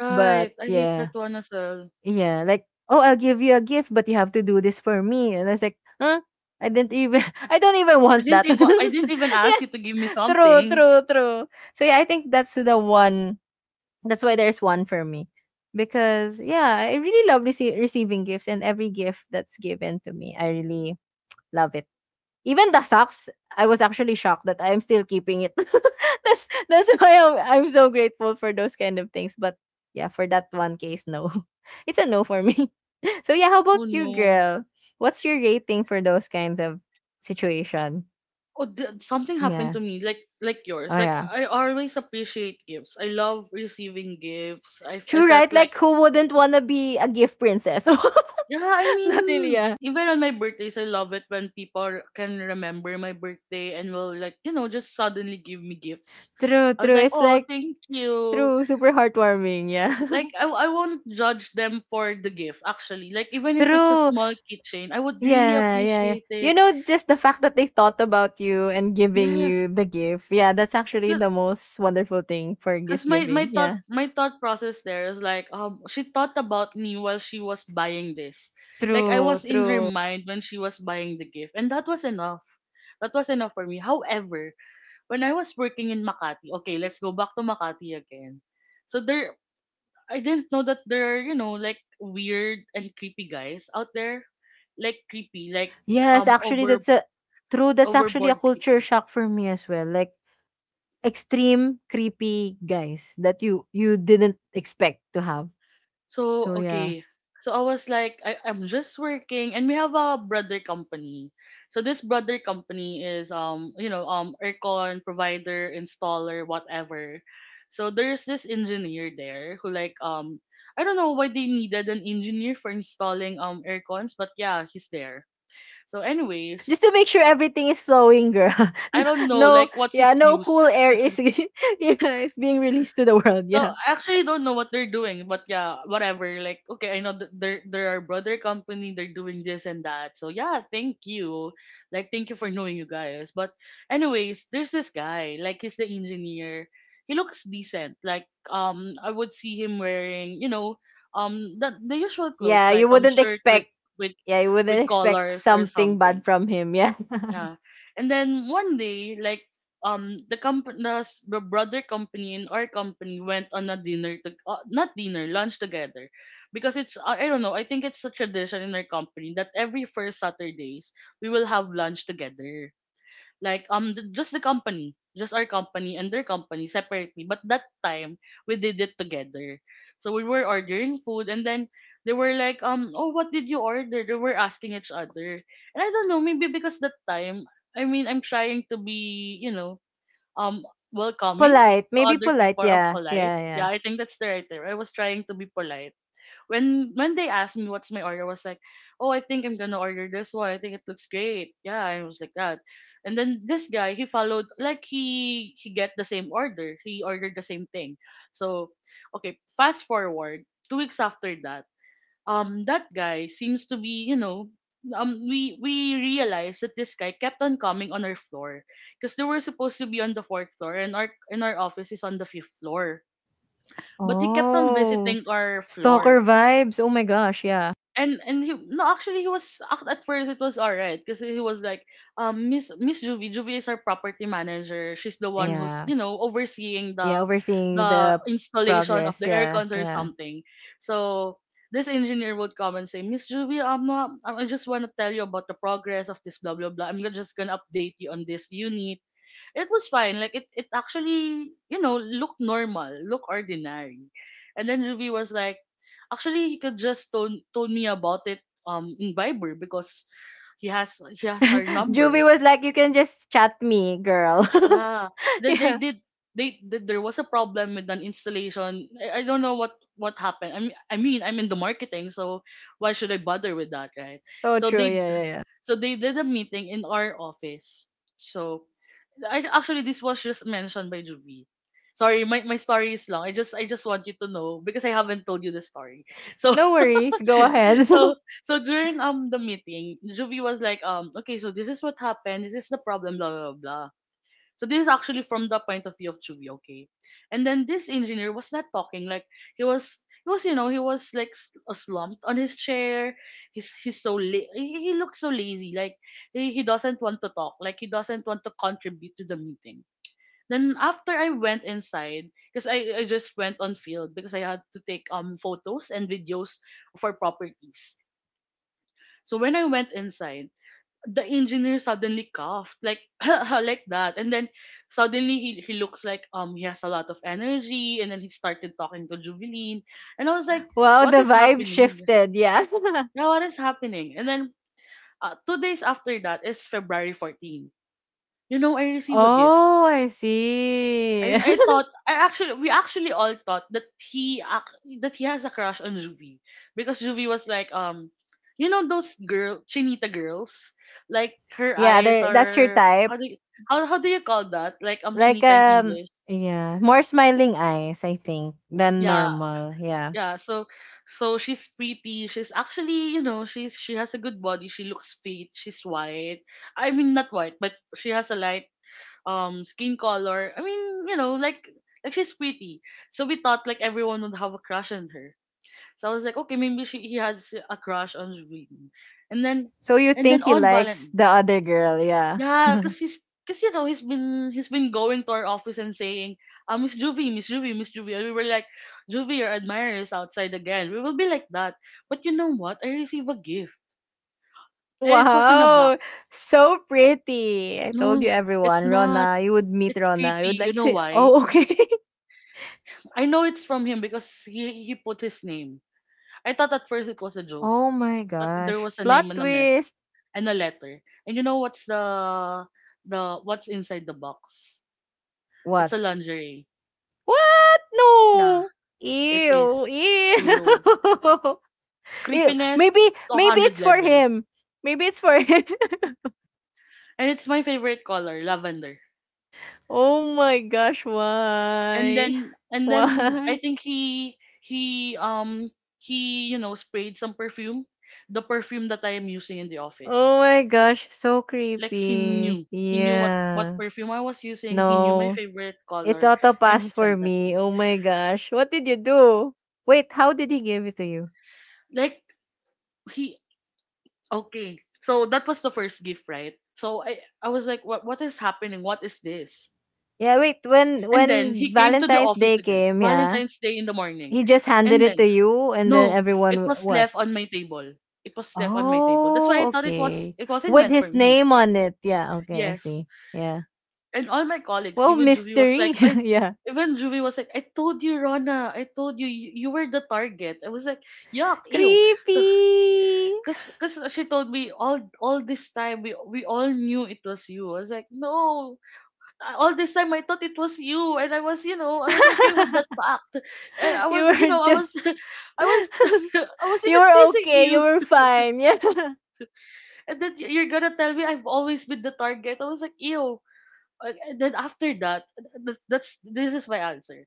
S1: Right.
S2: But
S1: I hate
S2: yeah,
S1: that one as well.
S2: yeah, like, oh, I'll give you a gift but you have to do this for me. And I was like, huh? I didn't even I don't even
S1: I
S2: want
S1: didn't
S2: that.
S1: even I didn't even ask you to
S2: Yeah.
S1: give me
S2: True,
S1: something.
S2: true, true. So yeah, I think that's the one. That's why there's one for me. Because yeah, I really love receiving gifts, and every gift that's given to me, I really love it. Even the socks, I was actually shocked that I'm still keeping it. That's why I'm so grateful for those kind of things. But yeah, for that one case, no. It's a no for me. So yeah, how
S1: Oh
S2: about you,
S1: no.
S2: girl? What's your rating for those kinds of situation?
S1: Oh, something happened
S2: Yeah.
S1: to me like
S2: Oh
S1: yours. Like,
S2: yeah.
S1: I always appreciate gifts. I love receiving gifts. I
S2: True, right?
S1: felt like.
S2: Like, who wouldn't wanna be a gift princess?
S1: Yeah, I
S2: Not really
S1: mean,
S2: a—
S1: even on my birthdays, I love it when people can remember my birthday and will, like, just suddenly give me gifts.
S2: True,
S1: I was
S2: true.
S1: like,
S2: It's
S1: oh,
S2: like
S1: thank you.
S2: true, super heartwarming, yeah.
S1: Like, I won't judge them for the gift, actually. Like, even if it's a
S2: True.
S1: small keychain, I would really
S2: Yeah, yeah, yeah.
S1: appreciate
S2: You
S1: it.
S2: know, just the fact that they thought about you and giving
S1: Yes.
S2: you the gift. Yeah, that's actually
S1: 'Cause
S2: the most wonderful thing for gift
S1: My my
S2: giving.
S1: thought
S2: Yeah.
S1: my thought process there is like, she thought about me while she was buying this, like I
S2: True,
S1: was in her
S2: true.
S1: mind when she was buying the gift, and that was enough. That was enough for me. However, when I was working in Makati, okay, let's go back to Makati again. So there, I didn't know that there are, like, weird and creepy guys out there, like creepy, like
S2: Yes,
S1: um
S2: actually
S1: over
S2: that's a true, that's actually a
S1: overboard
S2: culture
S1: creepy.
S2: shock for me as well. Like extreme creepy guys that you didn't expect to have.
S1: So
S2: So yeah.
S1: okay. So I was like, I'm just working, and we have a brother company. So this brother company is, aircon provider, installer, whatever. So there's this engineer there who, like, I don't know why they needed an engineer for installing aircons, but yeah, he's there. So anyways,
S2: Just to make sure everything is flowing, girl.
S1: I
S2: N-
S1: don't know like
S2: no,
S1: what's his
S2: yeah, no
S1: use.
S2: cool air is yeah, is being released to the world.
S1: So
S2: Yeah.
S1: I actually don't know what they're doing, but yeah, whatever. Like, okay, I know that they're our brother company. They're doing this and that. So yeah, thank you. Like, thank you for knowing you guys. But anyways, there's this guy. Like, he's the engineer. He looks decent. Like, I would see him wearing, the usual clothes
S2: Yeah,
S1: like,
S2: you wouldn't
S1: shirt with
S2: expect
S1: with
S2: yeah, you
S1: with
S2: wouldn't expect
S1: collars or
S2: something bad
S1: something.
S2: from him. Yeah.
S1: Yeah. And then one day, like, the brother company and our company went on a dinner to, not dinner, lunch together. Because it's I don't know, I think it's a tradition in our company that every first Saturdays we will have lunch together, like, just our company and their company separately, but that time we did it together. So we were ordering food, and then they were like, oh, what did you order, they were asking each other. And I don't know, maybe because that time, I mean, I'm trying to be, um welcoming
S2: Polite.
S1: to
S2: Maybe
S1: other
S2: polite,
S1: people, or
S2: yeah.
S1: polite,
S2: Yeah, yeah.
S1: yeah, I think that's the right term. I was trying to be polite. When they asked me what's my order, I was like, oh, I think I'm gonna order this one. I think it looks great. Yeah, I was like that. And then this guy, he followed, like he get the same order. He ordered the same thing. So okay, fast forward 2 weeks after that, that guy seems to be. We realized that this guy kept on coming on our floor because they were supposed to be on the fourth floor and our office is on the fifth floor, but he kept on
S2: Oh.
S1: visiting our floor.
S2: Stalker vibes. Oh my gosh, yeah.
S1: And he — no, actually, at first it was alright because he was like, Miss Juvie. Is our property manager, she's the one who's
S2: Yeah.
S1: overseeing
S2: Yeah,
S1: the
S2: overseeing
S1: the
S2: the
S1: installation of
S2: progress.
S1: the
S2: Yeah,
S1: aircons or
S2: yeah.
S1: something. So this engineer would come and say, Miss Juvie, I just want to tell you about the progress of this, blah blah blah. I'm just gonna update you on this unit. It was fine. Like it actually, looked normal, looked ordinary. And then Ruby was like, actually, he could just told me about it in Viber because he has our
S2: Juvie
S1: numbers.
S2: was like, you can just chat me, girl.
S1: Yeah, they
S2: Yeah.
S1: did. There was a problem with an installation. I don't know what happened. I mean, I'm in the marketing, so why should I bother with that, right?
S2: Oh,
S1: So
S2: true.
S1: they
S2: Yeah, yeah, yeah.
S1: so they did a meeting in our office. So, actually, this was just mentioned by Juby. Sorry, my story is long. I just want you to know because I haven't told you the story. So
S2: No worries. Go ahead.
S1: so so during the meeting, Juvie was like, okay, so this is what happened, this is the problem, blah blah blah. So this is actually from the point of view of Juvie, okay? And then this engineer was not talking. Like he was he was like slumped on his chair. He looks so lazy. Like he doesn't want to talk, like he doesn't want to contribute to the meeting. Then after, I went inside because I just went on field because I had to take photos and videos for properties. So when I went inside, the engineer suddenly coughed like like that, and then suddenly he looks like he has a lot of energy, and then he started talking to Juveline, and I was like,
S2: Wow,
S1: what
S2: the
S1: is
S2: vibe
S1: happening?
S2: shifted. Yeah.
S1: Yeah, what is happening? And then 2 days after that is February 14. You know, I receive a gift.
S2: Oh, I see.
S1: I thought I actually we actually all thought that he has a crush on Juvie because Juvie was like, those girl Chinita girls. Like her
S2: Yeah,
S1: eyes
S2: that's your
S1: are, how
S2: type.
S1: do you how, how do you call that, like,
S2: Like,
S1: Chinita in English?
S2: yeah, more smiling eyes, I think, than
S1: Yeah,
S2: normal. Yeah.
S1: yeah. So she's pretty, she's actually, she has a good body, she looks fit, she's white. I mean, not white, but she has a light skin color. I mean, like, she's pretty. So we thought like everyone would have a crush on her. So I was like, okay, maybe she he has a crush on Rain. And then
S2: So you
S1: and then
S2: think he
S1: on
S2: likes
S1: Valentine.
S2: the other girl, yeah.
S1: Yeah, cause, he's been going to our office and saying, Miss Juvie, Miss Juvie, Miss Juvie. And we were like, Juvie, your admirer is outside again. We will be like that. But you know what? I received a gift. And it was in a
S2: Wow.
S1: box.
S2: So pretty. I told you
S1: No, it's
S2: everyone,
S1: not.
S2: Rona, you would meet
S1: It's
S2: Rona. You
S1: creepy.
S2: would
S1: You
S2: like
S1: know
S2: to—
S1: why?
S2: Oh, okay.
S1: I know it's from him because he put his name. I thought at first it was a joke,
S2: Oh my
S1: that there
S2: gosh.
S1: was a
S2: Plot
S1: name and a mess
S2: twist.
S1: and a letter. And you know what's inside the box? It's
S2: What?
S1: a lingerie. Yeah,
S2: No.
S1: it
S2: Ew.
S1: is. Ew,
S2: Ew. Ew.
S1: creepiness
S2: Maybe
S1: to one
S2: maybe it's
S1: hundred
S2: for
S1: level.
S2: him. Maybe it's for him.
S1: And it's my favorite color, lavender.
S2: Oh my gosh,
S1: And
S2: why?
S1: then and then I
S2: Why?
S1: think he um he sprayed some perfume, the perfume that I am using in the
S2: Oh
S1: office.
S2: my gosh, so
S1: Like he
S2: creepy.
S1: knew he knew what
S2: Yeah.
S1: perfume I was using. He knew my
S2: No.
S1: favorite
S2: It's
S1: color,
S2: auto
S1: and he
S2: pass for
S1: sent that to
S2: me.
S1: me.
S2: Oh my gosh. What did you do? Wait, how did he give it to you?
S1: Like he Okay, so that was the first gift, right? So I was like, what is happening? What is this?
S2: Yeah, wait, when
S1: And then
S2: when
S1: he came to the
S2: Valentine's
S1: office
S2: Day
S1: again,
S2: came, yeah.
S1: Valentine's Day in the morning,
S2: He just handed
S1: and
S2: it to
S1: then
S2: you and then
S1: no, it
S2: everyone
S1: was
S2: what?
S1: left on my table. It was left on my table. That's why
S2: Oh,
S1: I thought
S2: okay.
S1: it wasn't
S2: With
S1: meant for
S2: his
S1: me.
S2: name on it. Yeah, okay, I
S1: Yes.
S2: see. Yeah.
S1: And all my colleagues,
S2: Well,
S1: even Juvie was
S2: mystery.
S1: like, I
S2: Yeah.
S1: even Juvie was like, I told you, Rona, I told you, you were the target. I was like, yuck, ew. So,
S2: Creepy.
S1: cause she told me, all this time, we all knew it was you. I was like, no, all this time I thought it was you, and I was okay with that fact, and I
S2: You
S1: was, you
S2: were
S1: know, I was,
S2: just—
S1: I was, I was
S2: you
S1: even
S2: were
S1: teasing
S2: okay. You
S1: you,
S2: were fine. Yeah.
S1: and then you're gonna tell me I've always been the target. I was like, ew. And then after that, th- that's this is my answer.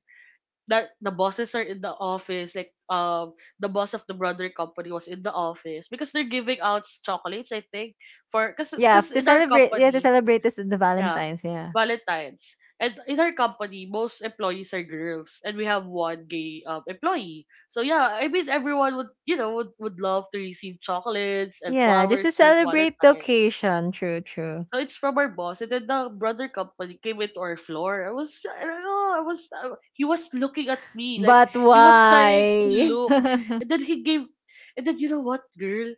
S1: That the bosses are in the office, like the boss of the brother company was in the office because they're giving out chocolates, I think, for
S2: Yeah,
S1: because in our
S2: to
S1: company,
S2: celebrate this the
S1: yeah,
S2: Valentine's, yeah.
S1: Valentine's, and in our company most employees are girls, and we have one gay employee. So yeah, I mean, everyone would love to receive chocolates and
S2: Yeah, just to
S1: flowers during
S2: celebrate the
S1: Valentine.
S2: occasion. True, true.
S1: So it's from our boss, and then the brother company came into our floor. I was — I don't know, he was looking at me like
S2: But
S1: he was trying to
S2: why?
S1: look, and then he gave — and then you know what, girl,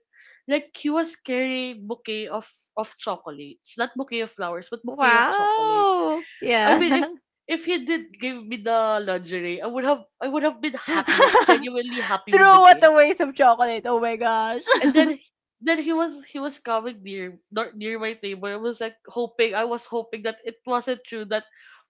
S1: like he was carrying bouquet of chocolates, not bouquet of flowers, but bouquet of chocolates.
S2: Wow.
S1: I mean, if
S2: Yeah.
S1: if he did give me the lingerie, I would have been happy, like
S2: Throw—
S1: genuinely happy with the
S2: what a
S1: gift.
S2: waste of chocolate. Oh my gosh.
S1: And then he was coming near, not near, my table. I was hoping that it wasn't true, that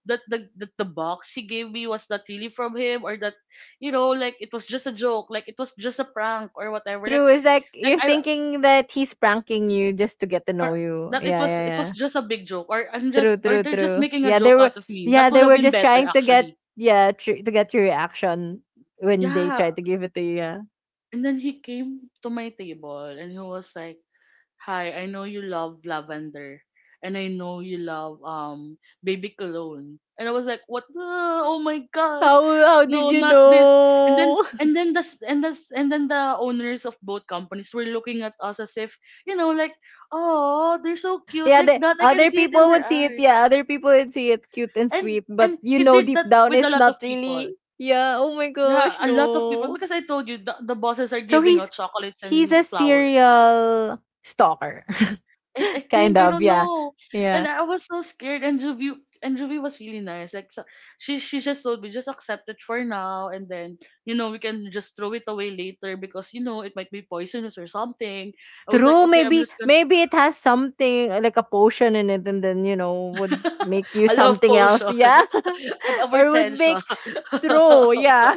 S1: that the box he gave me was not really from him, or that, like, it was just a joke, like it was just a prank, or whatever,
S2: True. It's like
S1: like
S2: you're
S1: I
S2: thinking that he's pranking you just to get to
S1: or
S2: know you.
S1: that it
S2: Yeah,
S1: was
S2: yeah,
S1: it was
S2: yeah.
S1: just a big joke,
S2: True,
S1: or
S2: true,
S1: they're just
S2: true.
S1: making a joke out of me. That
S2: Yeah,
S1: would
S2: they
S1: have
S2: were
S1: been
S2: just
S1: better,
S2: trying to get
S1: actually.
S2: yeah, to get your reaction when they
S1: Yeah.
S2: tried to give it to you. Yeah.
S1: And then he came to my table and he was like, Hi, I know you love lavender, and I know you love baby cologne. And I was like, what the — oh my gosh.
S2: How did
S1: No,
S2: you
S1: not this. And then
S2: know?
S1: and then the owners of both companies were looking at us as if, you know, like, oh, they're so cute
S2: Yeah,
S1: like
S2: the
S1: that. I can
S2: other
S1: see it in
S2: people
S1: their
S2: would see it.
S1: eyes.
S2: Yeah, other people would see it cute and
S1: And
S2: sweet, but
S1: and
S2: you
S1: he
S2: know
S1: did
S2: deep
S1: that
S2: down
S1: with a
S2: it's
S1: lot of
S2: not
S1: people.
S2: really. Yeah, oh my
S1: Yeah,
S2: gosh,
S1: a lot of people,
S2: no.
S1: because I told you, the bosses are
S2: So
S1: giving
S2: he's
S1: out chocolates
S2: he's a
S1: and flowers.
S2: serial stalker.
S1: I
S2: Kind
S1: think, I
S2: of,
S1: don't
S2: yeah.
S1: know,
S2: Yeah.
S1: and I was so scared. And Juvie was really nice. Like, so, she just told me, just accept it for now, and then, we can just throw it away later because, it might be poisonous or something. I was like,
S2: True,
S1: okay, I'm
S2: maybe
S1: just gonna
S2: maybe it has something like a potion in it and then, you know, would make you
S1: a love
S2: something else.
S1: potion
S2: Yeah.
S1: and our
S2: Or would make
S1: tension.
S2: true, yeah.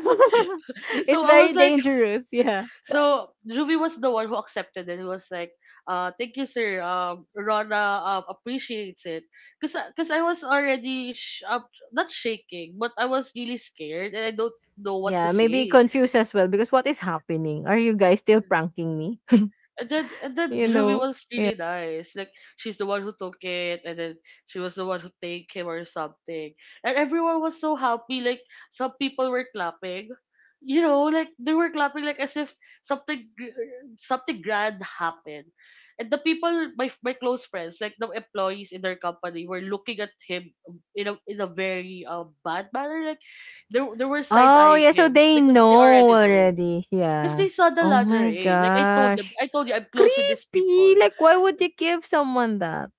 S1: So
S2: It's
S1: I was
S2: very
S1: like —
S2: dangerous, yeah.
S1: so Ruby was the one who accepted it. He was like, thank you, sir. Rona appreciates it. Because Cause I was already up, not shaking, but I was really scared and I don't know what to
S2: Yeah, maybe
S1: say.
S2: confused as well because what is happening? Are you guys still pranking me?
S1: And then
S2: You
S1: Juvie
S2: know.
S1: was really nice. Like, she's the one who took it, and then she was the one who thanked him or something. And everyone was so happy, like some people were clapping. You know, like they were clapping like as if something gr- something grand happened. And the people, my close friends, like the employees in their company, were looking at him in a very bad manner. Like they were side
S2: Oh,
S1: eyeing
S2: yeah, so
S1: him
S2: they
S1: because they already
S2: know
S1: know.
S2: already.
S1: Because
S2: Yeah.
S1: they saw the
S2: Oh my
S1: lingerie. Like I told them,
S2: gosh.
S1: I told you I'm close with these
S2: Creepy!
S1: people.
S2: Like, why would you give someone that?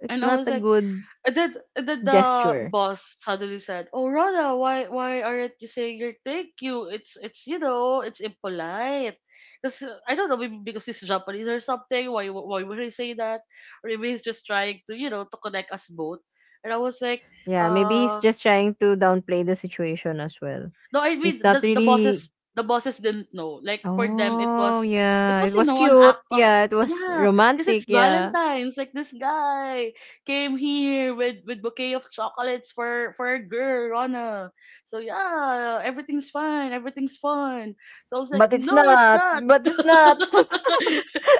S2: It's
S1: And I
S2: not
S1: was
S2: a
S1: like —
S2: good
S1: and then the
S2: gesture.
S1: boss suddenly said, Oh, Rana, why aren't you saying your thank you? It's impolite. Because I don't know, maybe because he's Japanese or something, why would he say that? Or maybe he's just trying to, to connect us both. And I was like,
S2: Yeah, maybe he's
S1: uh
S2: just trying to downplay the situation as well.
S1: no, I
S2: He's
S1: mean,
S2: not really.
S1: the bosses didn't know. Like for them, it
S2: Oh,
S1: was,
S2: yeah. It
S1: you
S2: was
S1: know, an
S2: cute.
S1: act of,
S2: Yeah, it was
S1: yeah, because it's
S2: romantic. Yeah.
S1: Valentine's. Like this guy came here with bouquet of chocolates for a girl, Rana. So yeah, everything's fine, everything's fun. So I was like,
S2: But it's
S1: no, it's
S2: not.
S1: not.
S2: But it's not.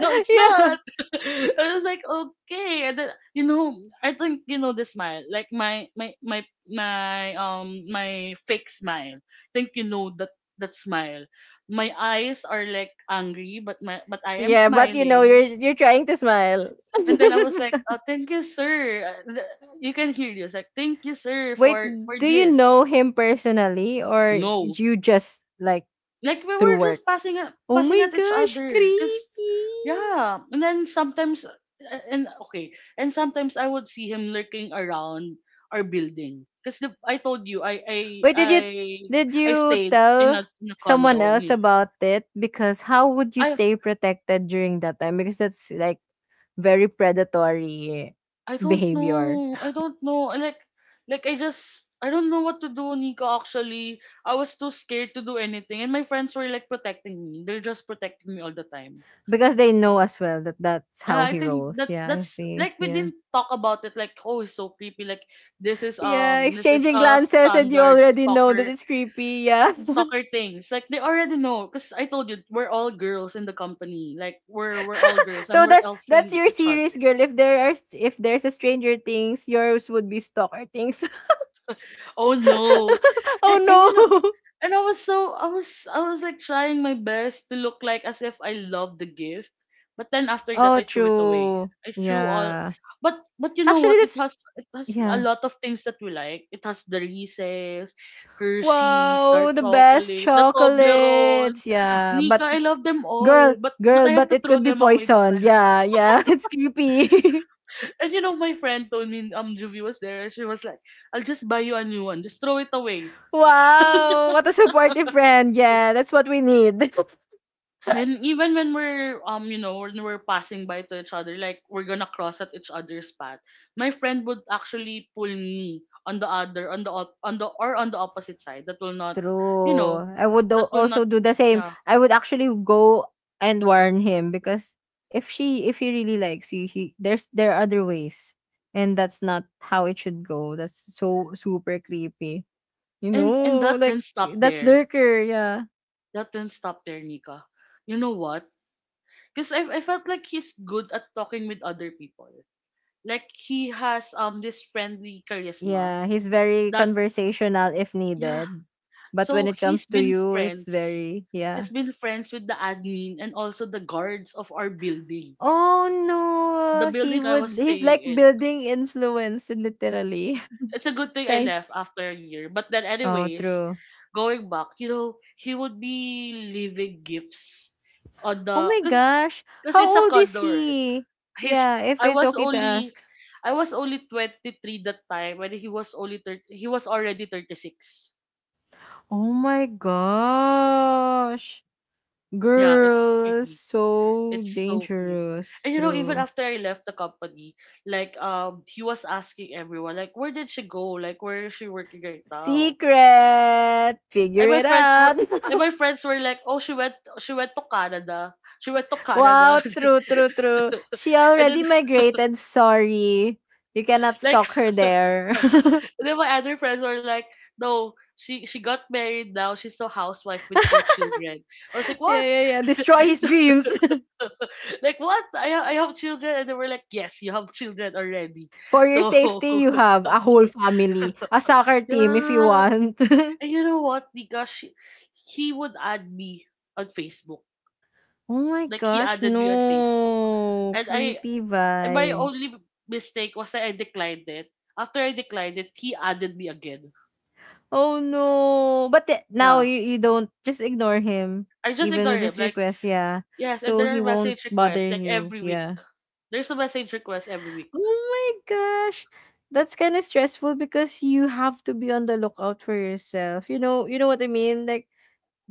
S1: No, it's
S2: Yeah.
S1: not. I was like, okay, and then, I think you know the smile, like my fake smile, think you know that that smile. My eyes are like angry, but my but I am
S2: Yeah, but you know,
S1: smiling.
S2: you're trying to smile.
S1: And then I was like, oh, thank you, sir. You can hear this, like, thank you, sir,
S2: Wait,
S1: for
S2: do you
S1: this.
S2: know him personally or
S1: No,
S2: you just like
S1: like we
S2: through
S1: were
S2: work?
S1: just
S2: Oh
S1: passing
S2: my
S1: at each
S2: gosh,
S1: other, cause
S2: creepy.
S1: yeah. And then sometimes, and okay, and sometimes I would see him lurking around our building, cause I told you
S2: Wait, did
S1: I
S2: you did
S1: I
S2: you
S1: stayed
S2: tell
S1: in a
S2: someone
S1: condo
S2: else
S1: near.
S2: about it? Because how would you
S1: I
S2: stay protected during that time? Because that's like very predatory
S1: I don't
S2: behavior.
S1: know. I don't know. I like I just, I don't know what to do, Nico. Actually, I was too scared to do anything, and my friends were like protecting me. They're just protecting me all the time.
S2: Because they know as well that that's
S1: Yeah,
S2: how
S1: I
S2: he
S1: think
S2: rolls.
S1: that's
S2: Yeah, I
S1: that's
S2: see.
S1: like we
S2: Yeah.
S1: didn't talk about it. Like, oh, it's so creepy. Like,
S2: Yeah,
S1: this is
S2: exchanging
S1: a
S2: glances and you
S1: standard
S2: already know that it's creepy. Yeah.
S1: stalker things. Like they already know, cause I told you we're all girls in the company. Like we're all girls and
S2: So
S1: we're
S2: that's
S1: elfing
S2: your
S1: each
S2: series,
S1: other.
S2: girl. If there's a Stranger Things, yours would be Stalker Things.
S1: Oh no,
S2: Oh
S1: and you know,
S2: no.
S1: and I was so I was like trying my best to look like as if I loved the gift. But then after that
S2: Oh,
S1: I threw it away.
S2: true.
S1: I threw all,
S2: Yeah.
S1: but you know
S2: Actually,
S1: what?
S2: this
S1: It has a
S2: yeah.
S1: lot of things that we like. It has the Reese's, Hershey's,
S2: Wow,
S1: dark
S2: the best
S1: chocolate, the Toblerone.
S2: chocolates. Yeah,
S1: Nika,
S2: but
S1: I love them all.
S2: girl,
S1: But
S2: girl,
S1: I have
S2: but
S1: to
S2: it
S1: throw
S2: could be
S1: them away that
S2: poisoned.
S1: time.
S2: Yeah, yeah, it's creepy.
S1: And you know, my friend told me, Juvie was there. She was like, I'll just buy you a new one. Just throw it away.
S2: Wow, what a supportive friend. Yeah, that's what we need.
S1: And even when we're you know, when we're passing by to each other, like we're gonna cross at each other's path, my friend would actually pull me on the other, on the, or on the opposite side that will not, you know,
S2: True. I would do-
S1: that will not,
S2: also do the same.
S1: yeah.
S2: I would actually go and warn him because if he really likes you, he there's there are other ways. And that's not how it should go. That's so super creepy. You
S1: And
S2: know,
S1: that
S2: like
S1: didn't stop
S2: that's
S1: there,
S2: lurker, yeah.
S1: that didn't stop there, Nika. You know what? Because I, felt like he's good at talking with other people, like he has this friendly charisma
S2: Yeah, he's very
S1: that,
S2: conversational if
S1: yeah.
S2: needed. But when
S1: So
S2: it
S1: he's
S2: comes to
S1: been
S2: you, it's
S1: friends.
S2: very yeah.
S1: He's been friends with the admin and also the guards of our building.
S2: Oh
S1: The
S2: no,
S1: building I was
S2: he's like
S1: staying in.
S2: building influence literally.
S1: It's a good thing I
S2: Trying.
S1: left after a year. But then
S2: Oh,
S1: anyways,
S2: true.
S1: going back, you know, he would be leaving gifts on
S2: Oh
S1: the
S2: my gosh,
S1: cause
S2: how
S1: it's a
S2: old is
S1: condo, right?
S2: he?
S1: His,
S2: Yeah, if
S1: I
S2: it's
S1: was
S2: okay to ask.
S1: only I was only 23 that time. When he was only 30, he was already 36.
S2: Oh my gosh.
S1: Yeah, it's
S2: Girl,
S1: creepy.
S2: so
S1: It's so creepy.
S2: dangerous.
S1: And you know, even
S2: True.
S1: after I left the company, like he was asking everyone, like, where did she go? Like where is she working right now?
S2: Secret! Figure
S1: And my
S2: it
S1: friends
S2: out!
S1: were, and my friends were like, oh, she went to Canada. She went to Canada.
S2: Wow, true, true, true. She
S1: And then,
S2: already migrated. Sorry. You cannot
S1: like,
S2: stalk her
S1: and
S2: there.
S1: then my other friends were like, no, she got married now, she's a housewife with two children. I was like,
S2: Yeah,
S1: what?
S2: yeah, yeah. Destroy his
S1: So
S2: dreams.
S1: like, what, I have children, and they were like, yes, you have children already.
S2: For your
S1: So
S2: safety, you have a whole family, a soccer team if you
S1: yeah.
S2: want.
S1: And you know what? Because he would add me on Facebook,
S2: Oh my
S1: like he
S2: gosh,
S1: added me on Facebook.
S2: no.
S1: And I
S2: Creepy
S1: and my only
S2: vibes.
S1: mistake was that I declined it. After I declined it, he added me again.
S2: Oh no. But the- now
S1: Yeah,
S2: you don't just ignore him,
S1: I just
S2: even with
S1: ignored him.
S2: his
S1: Like,
S2: request, yeah.
S1: yes, and
S2: So
S1: there
S2: he
S1: are
S2: won't
S1: message
S2: bother
S1: requests like
S2: you,
S1: every week.
S2: yeah.
S1: There's a message request every week.
S2: Oh my gosh. That's kind of stressful because you have to be on the lookout for yourself. You know what I mean? Like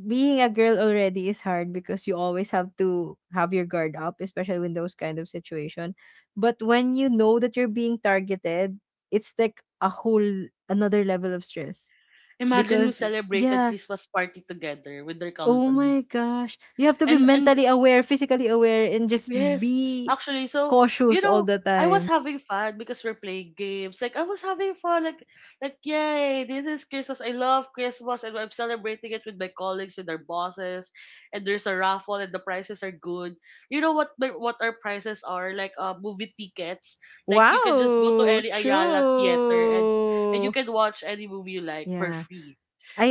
S2: being a girl already is hard because you always have to have your guard up, especially in those kind of situation. But when you know that you're being targeted, it's like a whole another level of stress
S1: Imagine we
S2: because
S1: celebrated
S2: yeah,
S1: Christmas party together with their
S2: oh
S1: company.
S2: my gosh. You have to be
S1: And
S2: mentally aware, physically aware and just
S1: yes,
S2: be
S1: actually, so you
S2: cautious all
S1: know,
S2: the
S1: I
S2: time.
S1: was having fun because we're playing games. Like I was having fun, like, yay, this is Christmas. I love Christmas, and I'm celebrating it with my colleagues, with our bosses, and there's a raffle, and the prices are good. You know what what our prices are? Like, movie tickets. Like you can just go to
S2: Wow,
S1: any Ayala theater and you
S2: true.
S1: can watch any movie you like for
S2: Yeah.
S1: free.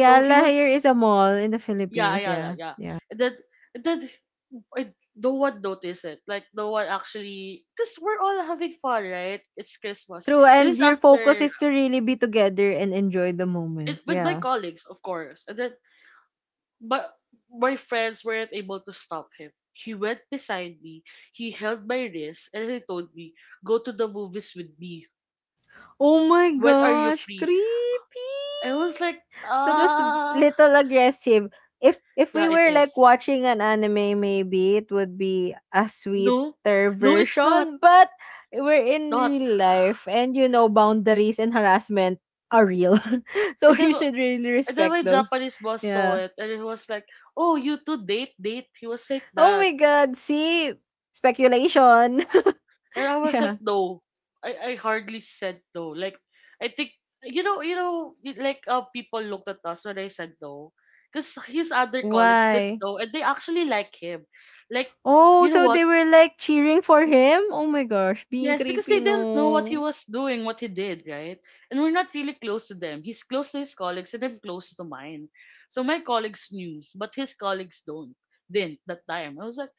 S1: So he was
S2: here is a mall in the
S1: Yeah,
S2: Philippines,
S1: Ayala,
S2: yeah.
S1: yeah. and then and then I, no one noticed it. Like no one actually, because we're all having fun, right? It's Christmas.
S2: True, and
S1: This is
S2: your focus
S1: after
S2: is to really be together and enjoy the moment,
S1: it, with my
S2: yeah.
S1: colleagues, of course, and then, but my friends weren't able to stop him. He went beside me. He held my wrist and he told me, "Go to the movies with me.
S2: Oh my
S1: When are you
S2: gosh,
S1: free?"
S2: creepy!
S1: I was like,
S2: That was
S1: "Ah,
S2: little aggressive. If
S1: yeah,
S2: we
S1: it
S2: were like
S1: is.
S2: watching an anime, maybe it would be a
S1: No,
S2: sweeter
S1: no, it's not,
S2: version. But we're in
S1: not."
S2: real life, and you know boundaries and harassment are real, so
S1: And then,
S2: you should really
S1: and then
S2: respect
S1: my
S2: those.
S1: Japanese boss saw
S2: Yeah.
S1: it and he was like, oh, you two date, date. He was like
S2: Oh my
S1: that.
S2: God! See, speculation.
S1: And I was
S2: Yeah.
S1: like, no. I hardly said no. Like I think, you know, like how people looked at us when I said no. Because his other colleagues did
S2: Why?
S1: know and they actually like him. Like,
S2: Oh,
S1: you know
S2: so
S1: what?
S2: they were like cheering for him. Oh my gosh, being
S1: Yes, because they
S2: creepy,
S1: didn't know what he
S2: no.
S1: was doing, what he did, right? And we're not really close to them. He's close to his colleagues and I'm close to mine. So my colleagues knew, but his colleagues don't didn't that time. I was like,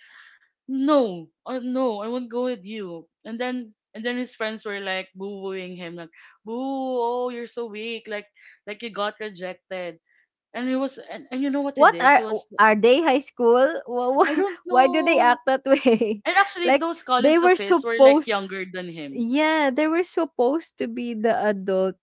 S1: no, no, I won't go with you. And then his friends were like booing him, like, boo, oh, you're so weak, like, you got rejected. And you know what he
S2: What
S1: did? He was,
S2: are they high school? Wha-
S1: I
S2: wha-
S1: don't
S2: Why do they
S1: know.
S2: act that way?
S1: And actually
S2: Like
S1: those
S2: they
S1: colleagues
S2: were
S1: of his were like
S2: supposed
S1: younger than him.
S2: yeah, they were supposed to be the adult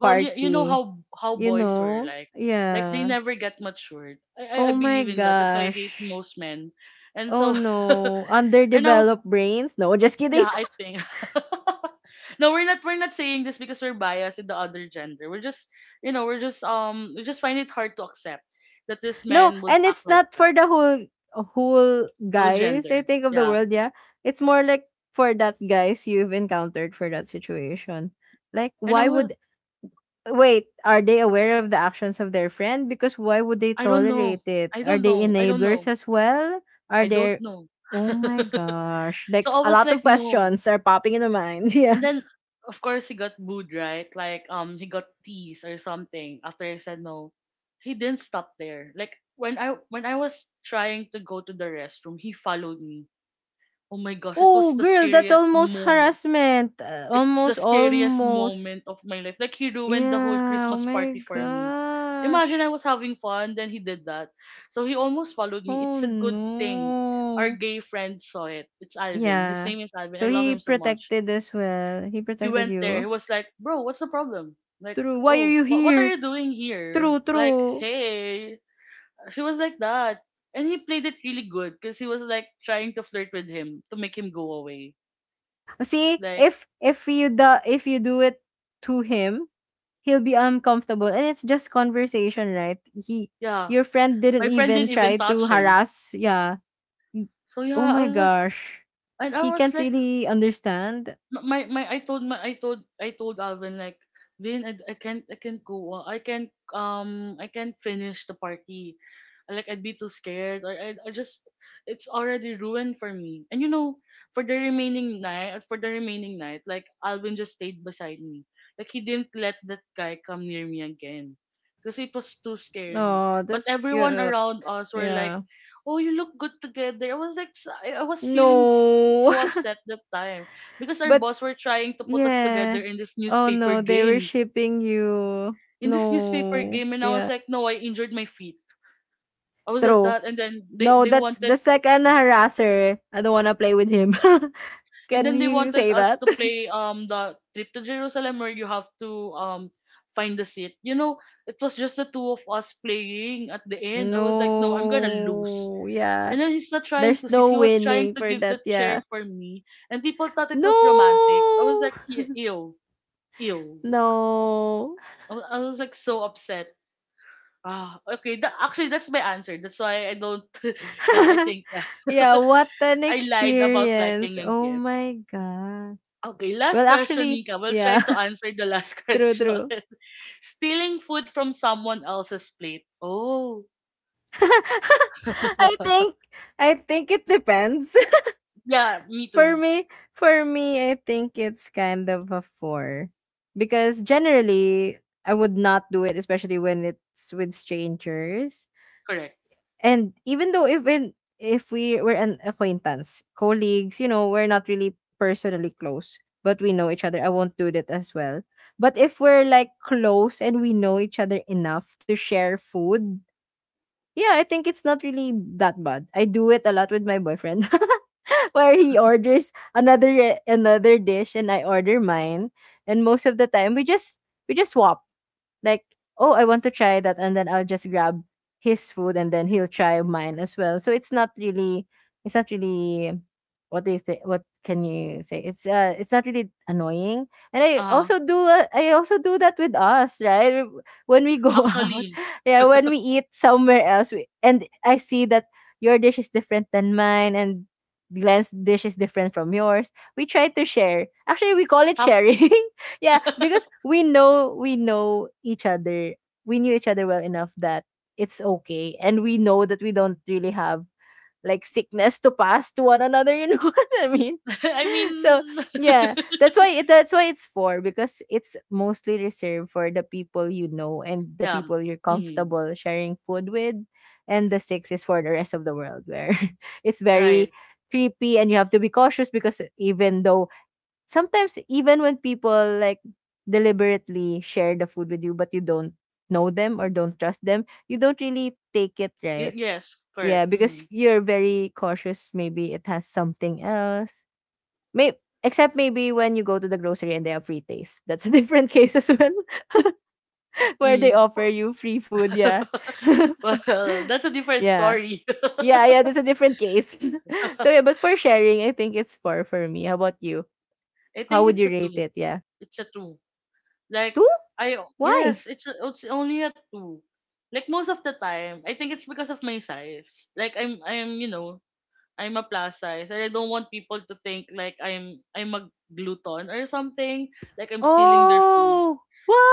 S1: Well, you know
S2: party,
S1: how
S2: you
S1: boys were
S2: know?
S1: like. Like they
S2: Yeah.
S1: never get matured. I
S2: Oh my
S1: believe in that. That's why I hate
S2: gosh.
S1: most men. And
S2: Oh
S1: so
S2: no.
S1: and I was,
S2: Underdeveloped brains? No, just kidding.
S1: yeah, I think. No, we're not saying this because we're biased in the other gender. We're just, you know, we're just we just find it hard to accept that this
S2: No,
S1: man would
S2: and
S1: act
S2: it's
S1: like
S2: not for
S1: that.
S2: the whole
S1: All
S2: guys,
S1: gender.
S2: I think of the
S1: Yeah.
S2: world, yeah. It's more like for that guys you've encountered for that situation. Like
S1: And I
S2: why
S1: was,
S2: would wait, are they aware of the actions of their friend? Because why would they
S1: I don't know.
S2: tolerate it?
S1: I
S2: Are
S1: don't
S2: they
S1: know. I don't
S2: enablers
S1: know.
S2: as well? Are
S1: I don't
S2: there
S1: know.
S2: oh my gosh.
S1: So
S2: Like
S1: I
S2: a
S1: was
S2: lot of
S1: like, no.
S2: questions are popping in my mind. Yeah.
S1: And then of course he got booed, right? Like he got teased or something after I said no. He didn't stop there. Like when I was trying to go to the restroom, he followed me. Oh my gosh, it was
S2: Oh,
S1: the
S2: girl, that's
S1: scariest
S2: almost
S1: moment.
S2: harassment.
S1: It's the
S2: Almost
S1: scariest
S2: almost.
S1: moment of my life. Like he ruined the whole
S2: Yeah. Oh
S1: Christmas
S2: my
S1: party for me. Imagine I
S2: gosh.
S1: was having fun, then he did that. So he almost followed me.
S2: Oh
S1: It's a good thing. Our
S2: no.
S1: gay friend saw it. It's Alvin. His
S2: Yeah.
S1: name is Alvin. I
S2: So
S1: love
S2: he
S1: him so much.
S2: protected as well. He
S1: He
S2: protected
S1: went there. He
S2: you.
S1: was like, "Bro, what's the problem?" Like,
S2: True. Why are
S1: "Oh,
S2: you
S1: what are
S2: here?
S1: you doing here?"
S2: True,
S1: Like,
S2: true.
S1: "Hey." He was like that. And he played it really good because he was like trying to flirt with him to make him go away,
S2: Eh, see,
S1: like.
S2: if you the if you do it to him, he'll be uncomfortable, and it's just conversation, right? He,
S1: Yeah,
S2: your friend
S1: my
S2: didn't
S1: friend
S2: even
S1: didn't even
S2: try to
S1: touch him.
S2: harass. Yeah. Mm.
S1: So
S2: Oh
S1: yeah, I
S2: my
S1: was like,
S2: gosh,
S1: and I
S2: he
S1: was
S2: can't
S1: like,
S2: really understand.
S1: my I told my, I told Alvin, like, Vin, I can't, I can't go on. I can't finish the party. Like I'd be too scared, or I just, it's already ruined for me. And you know, for the remaining night, for the remaining night, like Alvin just stayed beside me. Like he didn't let that guy come near me again. Because it was too scary.
S2: Oh,
S1: But
S2: that's
S1: everyone
S2: cute.
S1: around us were like,
S2: Yeah.
S1: oh, you look good together. I was like, I was feeling
S2: No,
S1: so upset that time. Because our
S2: but
S1: boss were trying to put us together
S2: yeah.
S1: in this
S2: Oh
S1: newspaper
S2: no, they were
S1: game.
S2: shipping you.
S1: In this newspaper
S2: No.
S1: game, and I
S2: Yeah.
S1: was like, no, I injured my feet. I was like
S2: True.
S1: that, and then
S2: No,
S1: they
S2: that's the
S1: wanted,
S2: second harasser. I don't wanna play with him.
S1: and
S2: Can
S1: then they
S2: you
S1: wanted
S2: say
S1: us
S2: that?
S1: to play, the trip to Jerusalem, where you have to find the seat. You know, it was just the two of us playing at the end. I was like, no, I'm gonna lose.
S2: No. Yeah.
S1: And then he's not trying to
S2: There's
S1: sit. He
S2: no
S1: was trying
S2: winning
S1: to
S2: for
S1: give the
S2: that.
S1: chair
S2: Yeah.
S1: for me, and people thought it was romantic. I was
S2: No.
S1: like, "Ye- ew, ew."
S2: No.
S1: I was like so upset. Ah, okay. That, actually, that's my answer. That's why I don't. Yeah, I think, yeah.
S2: Yeah. What an
S1: I lied about
S2: experience.
S1: liking a
S2: Oh
S1: gift.
S2: my God.
S1: Okay, last
S2: Well,
S1: question,
S2: actually,
S1: Nika. We'll try
S2: yeah.
S1: to answer the last
S2: True,
S1: question.
S2: true.
S1: Stealing food from someone else's plate. Oh.
S2: I think, I think it depends.
S1: Yeah, me
S2: For
S1: too.
S2: me, for me, I think it's kind of a four because generally I would not do it, especially when it's with strangers.
S1: Correct.
S2: And even if we were an acquaintance, colleagues, you know, we're not really personally close, but we know each other. I won't do that as well. But if we're like close and we know each other enough to share food, yeah, I think it's not really that bad. I do it a lot with my boyfriend. Where he orders another dish and I order mine and most of the time we just swap like oh, I want to try that and then I'll just grab his food and then he'll try mine as well so it's not really, what do you think, what can you say, it's uh, it's not really annoying. And I
S1: Uh,
S2: also do I also do that with us right when we go out
S1: actually,
S2: yeah when we eat somewhere else and I see that your dish is different than mine and Glenn's dish is different from yours, we try to share, actually we call it
S1: half seas.
S2: sharing. Yeah, because we know each other. We knew each other well enough that it's okay, and we know that we don't really have like sickness to pass to one another. You know what I mean?
S1: I
S2: So
S1: mean,
S2: yeah, that's why it's for, because it's mostly reserved for the people you know and the
S1: yeah.
S2: people you're
S1: Mm,
S2: comfortable sharing food with, and the six is for the rest of the world where it's very
S1: right.
S2: creepy and you have to be cautious because even though sometimes even when people like deliberately share the food with you but you don't know them or don't trust them, you don't really take it right.
S1: Yes,
S2: Yeah,
S1: correct.
S2: because
S1: Mm,
S2: you're very cautious. Maybe it has something else. May except maybe when you go to the grocery and they have free taste. That's a different case as well, where they
S1: mm.
S2: offer you free food. Yeah,
S1: Well, that's a different
S2: yeah,
S1: story.
S2: yeah, yeah. That's a different case. So yeah, but for sharing, I think it's four for me. How about you?
S1: I
S2: How
S1: think
S2: would
S1: it's
S2: you
S1: a
S2: rate
S1: two.
S2: it? Yeah,
S1: It's a two. Like
S2: two.
S1: I
S2: Why?
S1: yes, it's only a two. Like most of the time, I think it's because of my size. Like, I'm a plus size and I don't want people to think like I'm a glutton or something, like I'm stealing their food.
S2: Oh,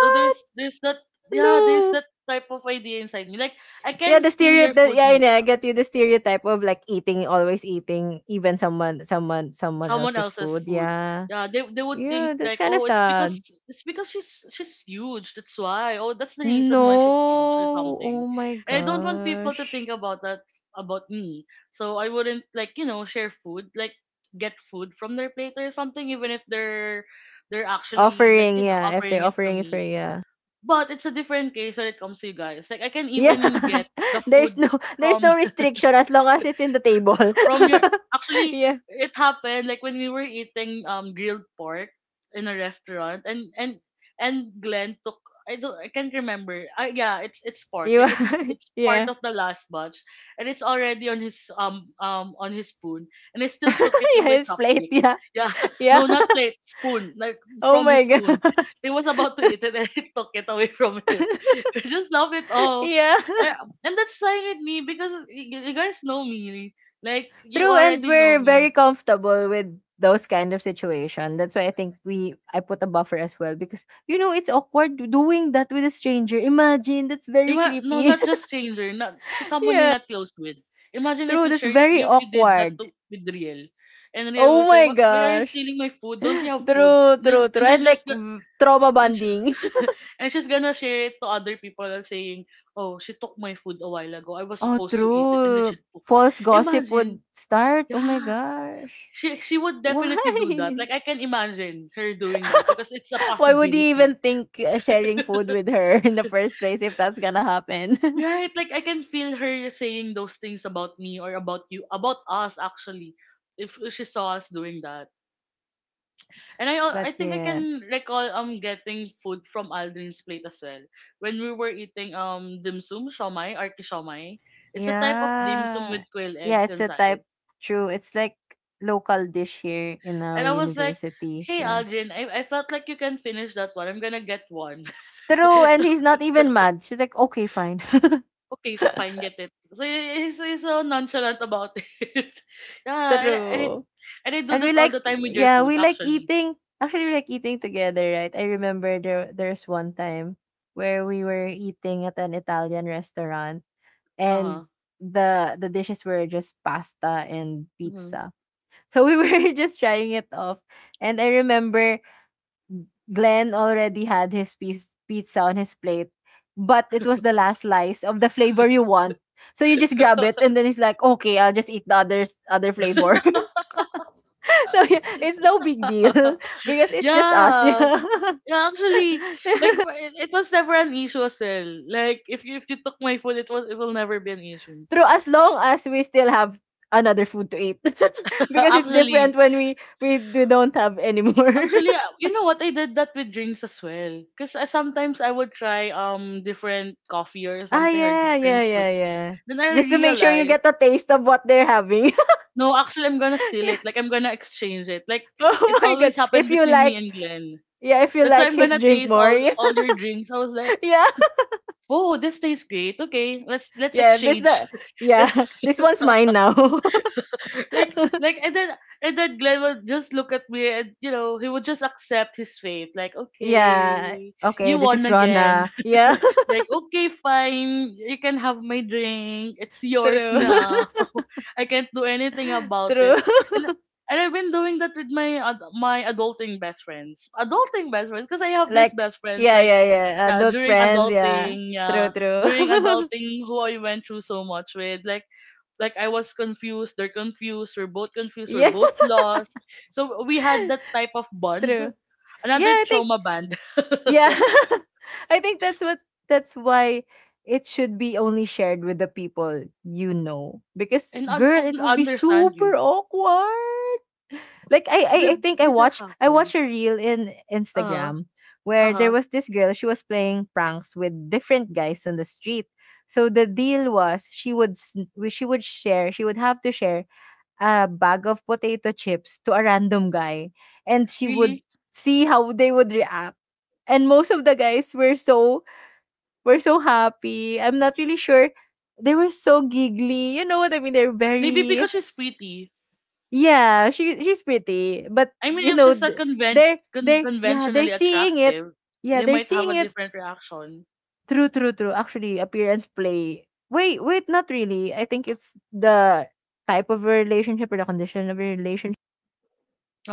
S1: So there's that, yeah, there's
S2: No.
S1: that type of idea inside me. Like I
S2: Yeah,
S1: can
S2: the
S1: steal your
S2: stereotype.
S1: food,
S2: Yeah, I know, I
S1: Nita.
S2: get you. The stereotype of like eating, always eating, even someone
S1: Someone
S2: else's
S1: else's
S2: food.
S1: food.
S2: Yeah,
S1: Yeah, they would
S2: yeah,
S1: think
S2: that's
S1: like,
S2: kind of
S1: oh,
S2: sad.
S1: it's because she's huge. That's why. Oh, that's the reason why she's huge or
S2: No. Oh
S1: something.
S2: my
S1: And I don't want people to think
S2: gosh.
S1: about that about me. So I wouldn't like, you know, share food like get food from their plate or something, even if they're they're actually, like,
S2: Offering,
S1: you know,
S2: yeah. If
S1: offering
S2: they're
S1: it to
S2: offering it for
S1: me.
S2: yeah.
S1: But it's a different case when it comes to you guys. Like I can
S2: Yeah.
S1: even get the
S2: there's
S1: food
S2: no there's
S1: from
S2: no restriction as long as it's in the table.
S1: from your, actually
S2: Yeah.
S1: it happened like when we were eating grilled pork in a restaurant and Glenn took, I can't remember. Yeah, it's pork.
S2: You
S1: Like it's it's part
S2: yeah.
S1: of the last batch and it's already on his spoon and I still took it with
S2: Yeah,
S1: my
S2: his plate,
S1: chopstick.
S2: yeah.
S1: Yeah.
S2: Yeah.
S1: No, not plate, spoon. Like
S2: Oh
S1: from
S2: my
S1: his spoon.
S2: god.
S1: He was about to eat it and I took it away from him. I just love it off.
S2: Yeah.
S1: Eh, and that's sign with me because you guys know me. Like you
S2: True, and
S1: already know
S2: we're
S1: me.
S2: very comfortable with those kind of situation. That's why I think we I put a buffer as well because you know it's awkward doing that with a stranger. Imagine that's very
S1: No,
S2: creepy.
S1: not just stranger, not to someone you're not close with. Imagine if
S2: True,
S1: you
S2: that's
S1: share
S2: very
S1: if you did that
S2: awkward.
S1: to, with Riel, and Riel will
S2: Oh
S1: say,
S2: my
S1: "What? Why are you
S2: gosh.
S1: stealing my food? Don't you have food?"
S2: True,
S1: And then,
S2: true,
S1: and
S2: true.
S1: they're
S2: And
S1: just
S2: like mm, trauma
S1: and she,
S2: bonding.
S1: and she's gonna share it to other people and saying, "Oh, she took my food a while ago. I was
S2: Oh,
S1: supposed to eat it, and then she
S2: true.
S1: took it."
S2: False gossip
S1: Imagine,
S2: would start. Oh my
S1: yeah,
S2: gosh.
S1: she would definitely do that.
S2: Why?
S1: Like I can imagine her doing that because it's a
S2: Why would he
S1: possibility.
S2: even think sharing food with her in the first place if that's gonna happen?
S1: Right, like I can feel her saying those things about me or about you, about us actually, if she saw us doing that. And I
S2: But
S1: think I
S2: yeah.
S1: can recall getting food from Aldrin's plate as well when we were eating dim sum shawmai, arki shawmai. It's a type of dim sum
S2: Yeah.
S1: with quail
S2: Yeah,
S1: eggs
S2: it's a
S1: inside.
S2: type true. It's like local dish here in our
S1: And I was like,
S2: university.
S1: "Hey
S2: Yeah.
S1: Aldrin, I felt like you can finish that one. I'm gonna get one."
S2: True. And he's not even mad. She's like, okay, fine.
S1: Okay, fine, get it. He's so nonchalant about it. Yeah,
S2: True.
S1: and I do
S2: And we
S1: that all the
S2: like
S1: time with your
S2: Yeah,
S1: food,
S2: we like
S1: actually.
S2: eating. Actually we like eating together, right? I remember there's one time where we were eating at an Italian restaurant
S1: Uh
S2: and
S1: huh.
S2: the dishes were just pasta and
S1: Hmm.
S2: pizza. So we were just trying it off. And I remember Glenn already had his pizza on his plate, but it was the last slice of the flavor you want. So you just grab it, and then it's like, okay, I'll just eat the other flavor. So yeah, it's no big deal because it's just us, you
S1: Yeah.
S2: know.
S1: Yeah, actually, it was never an issue as well. Like if you took my food, it will never be an issue.
S2: True, as long as we still have another food to eat, because it's different
S1: actually,
S2: when we don't have anymore.
S1: Actually, you know what? I did that with drinks as well. Cause I sometimes I would try different coffee or
S2: Ah,
S1: something or
S2: yeah, yeah,
S1: different fruit
S2: yeah,
S1: tea.
S2: yeah.
S1: Then I
S2: Just to make sure you get
S1: realized,
S2: a taste of what they're having.
S1: no, actually, I'm gonna steal
S2: Yeah.
S1: it. Like, I'm gonna exchange it. Like,
S2: Oh
S1: it
S2: my god!
S1: always
S2: If
S1: happened
S2: you
S1: between me
S2: like
S1: and Glenn.
S2: yeah, if you
S1: That's why
S2: like
S1: I'm
S2: his
S1: gonna
S2: drink
S1: taste
S2: more.
S1: all all your drinks. I was
S2: Yeah.
S1: like,
S2: Yeah.
S1: oh, this tastes great. Okay, let's
S2: Yeah. This
S1: exchange.
S2: the
S1: And
S2: Yeah. This one's mine now.
S1: like and then Glenn would just look at me and you know he would just accept his fate. Like,
S2: Yeah.
S1: okay,
S2: Okay,
S1: you
S2: this
S1: won
S2: is
S1: again.
S2: Rona. Yeah.
S1: Like, okay, fine, you can have my drink. It's yours
S2: True.
S1: now. I can't do anything about it.
S2: True.
S1: And and I've been doing that with my my adulting best friends. Adulting best friends, because I have these
S2: Like
S1: best friends
S2: yeah,
S1: like
S2: yeah, yeah. Adult friends, yeah. True,
S1: yeah,
S2: true.
S1: during adulting, who I went through so much with, like I was confused, they're confused, we're
S2: Yeah,
S1: both lost. So we had that type of bond,
S2: true. Yeah,
S1: another
S2: I think
S1: trauma band,
S2: yeah. I think that's why it should be only shared with the people you know. Because
S1: and I
S2: girl, it
S1: couldn't
S2: would be
S1: understand
S2: super
S1: you.
S2: awkward. Like I I
S1: Did
S2: think
S1: did that
S2: I
S1: happen?
S2: watched a reel in
S1: Uh-huh.
S2: Instagram where there
S1: Uh-huh.
S2: was this girl, she was playing pranks with different guys on the street. So the deal was she would share, she would have to share a bag of potato chips to a random guy and she would
S1: Really?
S2: see how they would react. And most of the guys were so happy. I'm not really sure they were so giggly. You know what I mean? They're
S1: Maybe
S2: very
S1: because she's pretty.
S2: yeah, she she's pretty, but
S1: I mean,
S2: you
S1: if
S2: know
S1: she's not
S2: th- they're yeah they're
S1: conventionally
S2: seeing it.
S1: attractive,
S2: Yeah,
S1: they
S2: they're
S1: might have a
S2: seeing it
S1: different reaction.
S2: through. Actually, appearance play. Wait, wait, not really. I think it's the type of a relationship or the condition of a relationship.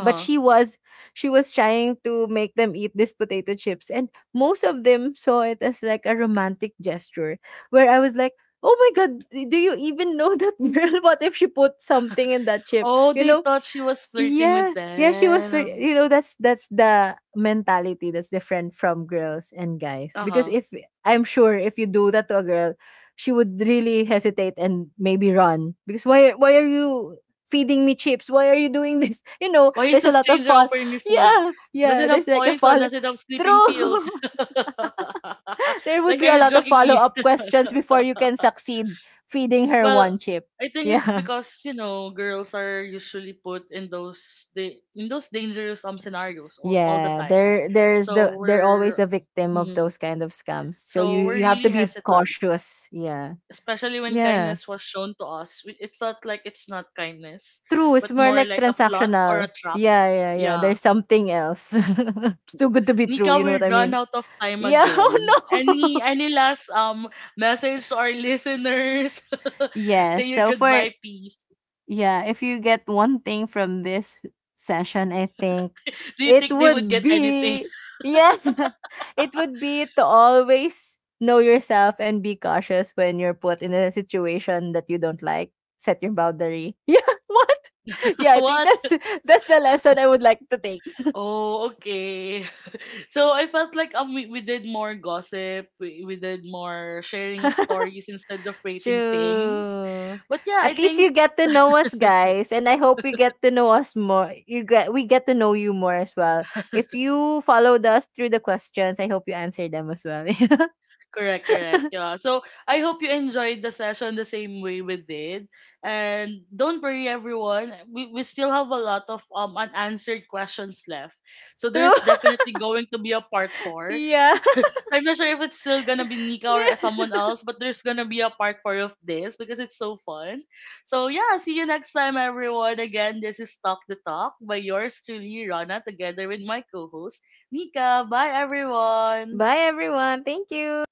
S2: But she was trying to make them eat these potato chips, and most of them saw it as like a romantic gesture. Where I was like, oh my god, do you even know that girl? What if she put something in that chip?
S1: Oh,
S2: You
S1: they
S2: know,
S1: thought she was flirting with
S2: yeah. Yeah, she was very
S1: them.
S2: you know, that's the mentality that's different from girls and guys. Because
S1: Uh-huh.
S2: if I'm sure if you do that to a girl, she would really hesitate and maybe run. Because why are you feeding me chips? Why are you doing this? You know,
S1: Why is
S2: there's
S1: a
S2: a lot of
S1: stranger
S2: fall.
S1: offering me food?
S2: Yeah.
S1: Does
S2: Yeah,
S1: it have
S2: there's like a
S1: poison?
S2: fall.
S1: Does it have sleeping pills?
S2: True. There would
S1: Like,
S2: be
S1: are
S2: a
S1: you
S2: lot of
S1: drugging me?
S2: follow-up questions before you can succeed feeding her
S1: Well,
S2: one chip.
S1: I think it's
S2: Yeah.
S1: because you know girls are usually put in those in those dangerous scenarios all the
S2: Yeah,
S1: time,
S2: there there's
S1: so
S2: the they're always
S1: we're
S2: the victim of
S1: mhm.
S2: those kind of scams. So
S1: So
S2: you
S1: we're
S2: you have
S1: really
S2: to be
S1: hesitant,
S2: cautious. Yeah.
S1: especially when
S2: Yeah.
S1: kindness was shown to us. It felt like it's not kindness,
S2: True, it's
S1: but
S2: more
S1: more
S2: like
S1: like a plot or a
S2: transactional.
S1: trap.
S2: Yeah, yeah, yeah.
S1: Yeah,
S2: There's something else. It's too good to be true,
S1: Nika,
S2: you know what
S1: we're
S2: I
S1: run
S2: mean?
S1: out of time
S2: Yeah,
S1: again.
S2: oh no.
S1: Any last message to our listeners?
S2: Yeah,
S1: Say your
S2: so for
S1: goodbye, peace.
S2: yeah, if you get one thing from this session, I think
S1: Do you
S2: it
S1: think they would
S2: would
S1: get anything?
S2: be yeah, it would be to always know yourself and be cautious when you're put in a situation that you don't like. Set your boundary. Yeah, what? Yeah, I think
S1: What?
S2: that's the lesson I would like to take.
S1: Oh, okay. So I felt like we did more gossip, we did more sharing of stories instead of rating things.
S2: True.
S1: But yeah, I
S2: At least
S1: think
S2: you get to know us, guys, and I hope you get to know us more. You get we get to know you more as well. If you followed us through the questions, I hope you answered them as well.
S1: correct, correct. Yeah. So I hope you enjoyed the session the same way we did. And don't worry everyone, we still have a lot of unanswered questions left. So
S2: True.
S1: there's definitely going to be a part 4.
S2: Yeah.
S1: I'm not sure if it's still gonna be Nika or someone else, but there's gonna be a part four of this because it's so fun. So yeah, see you next time, everyone. Again, this is Talk the Talk by yours truly, Rana, together with my co-host Nika. Bye, everyone.
S2: Bye, everyone. Thank you.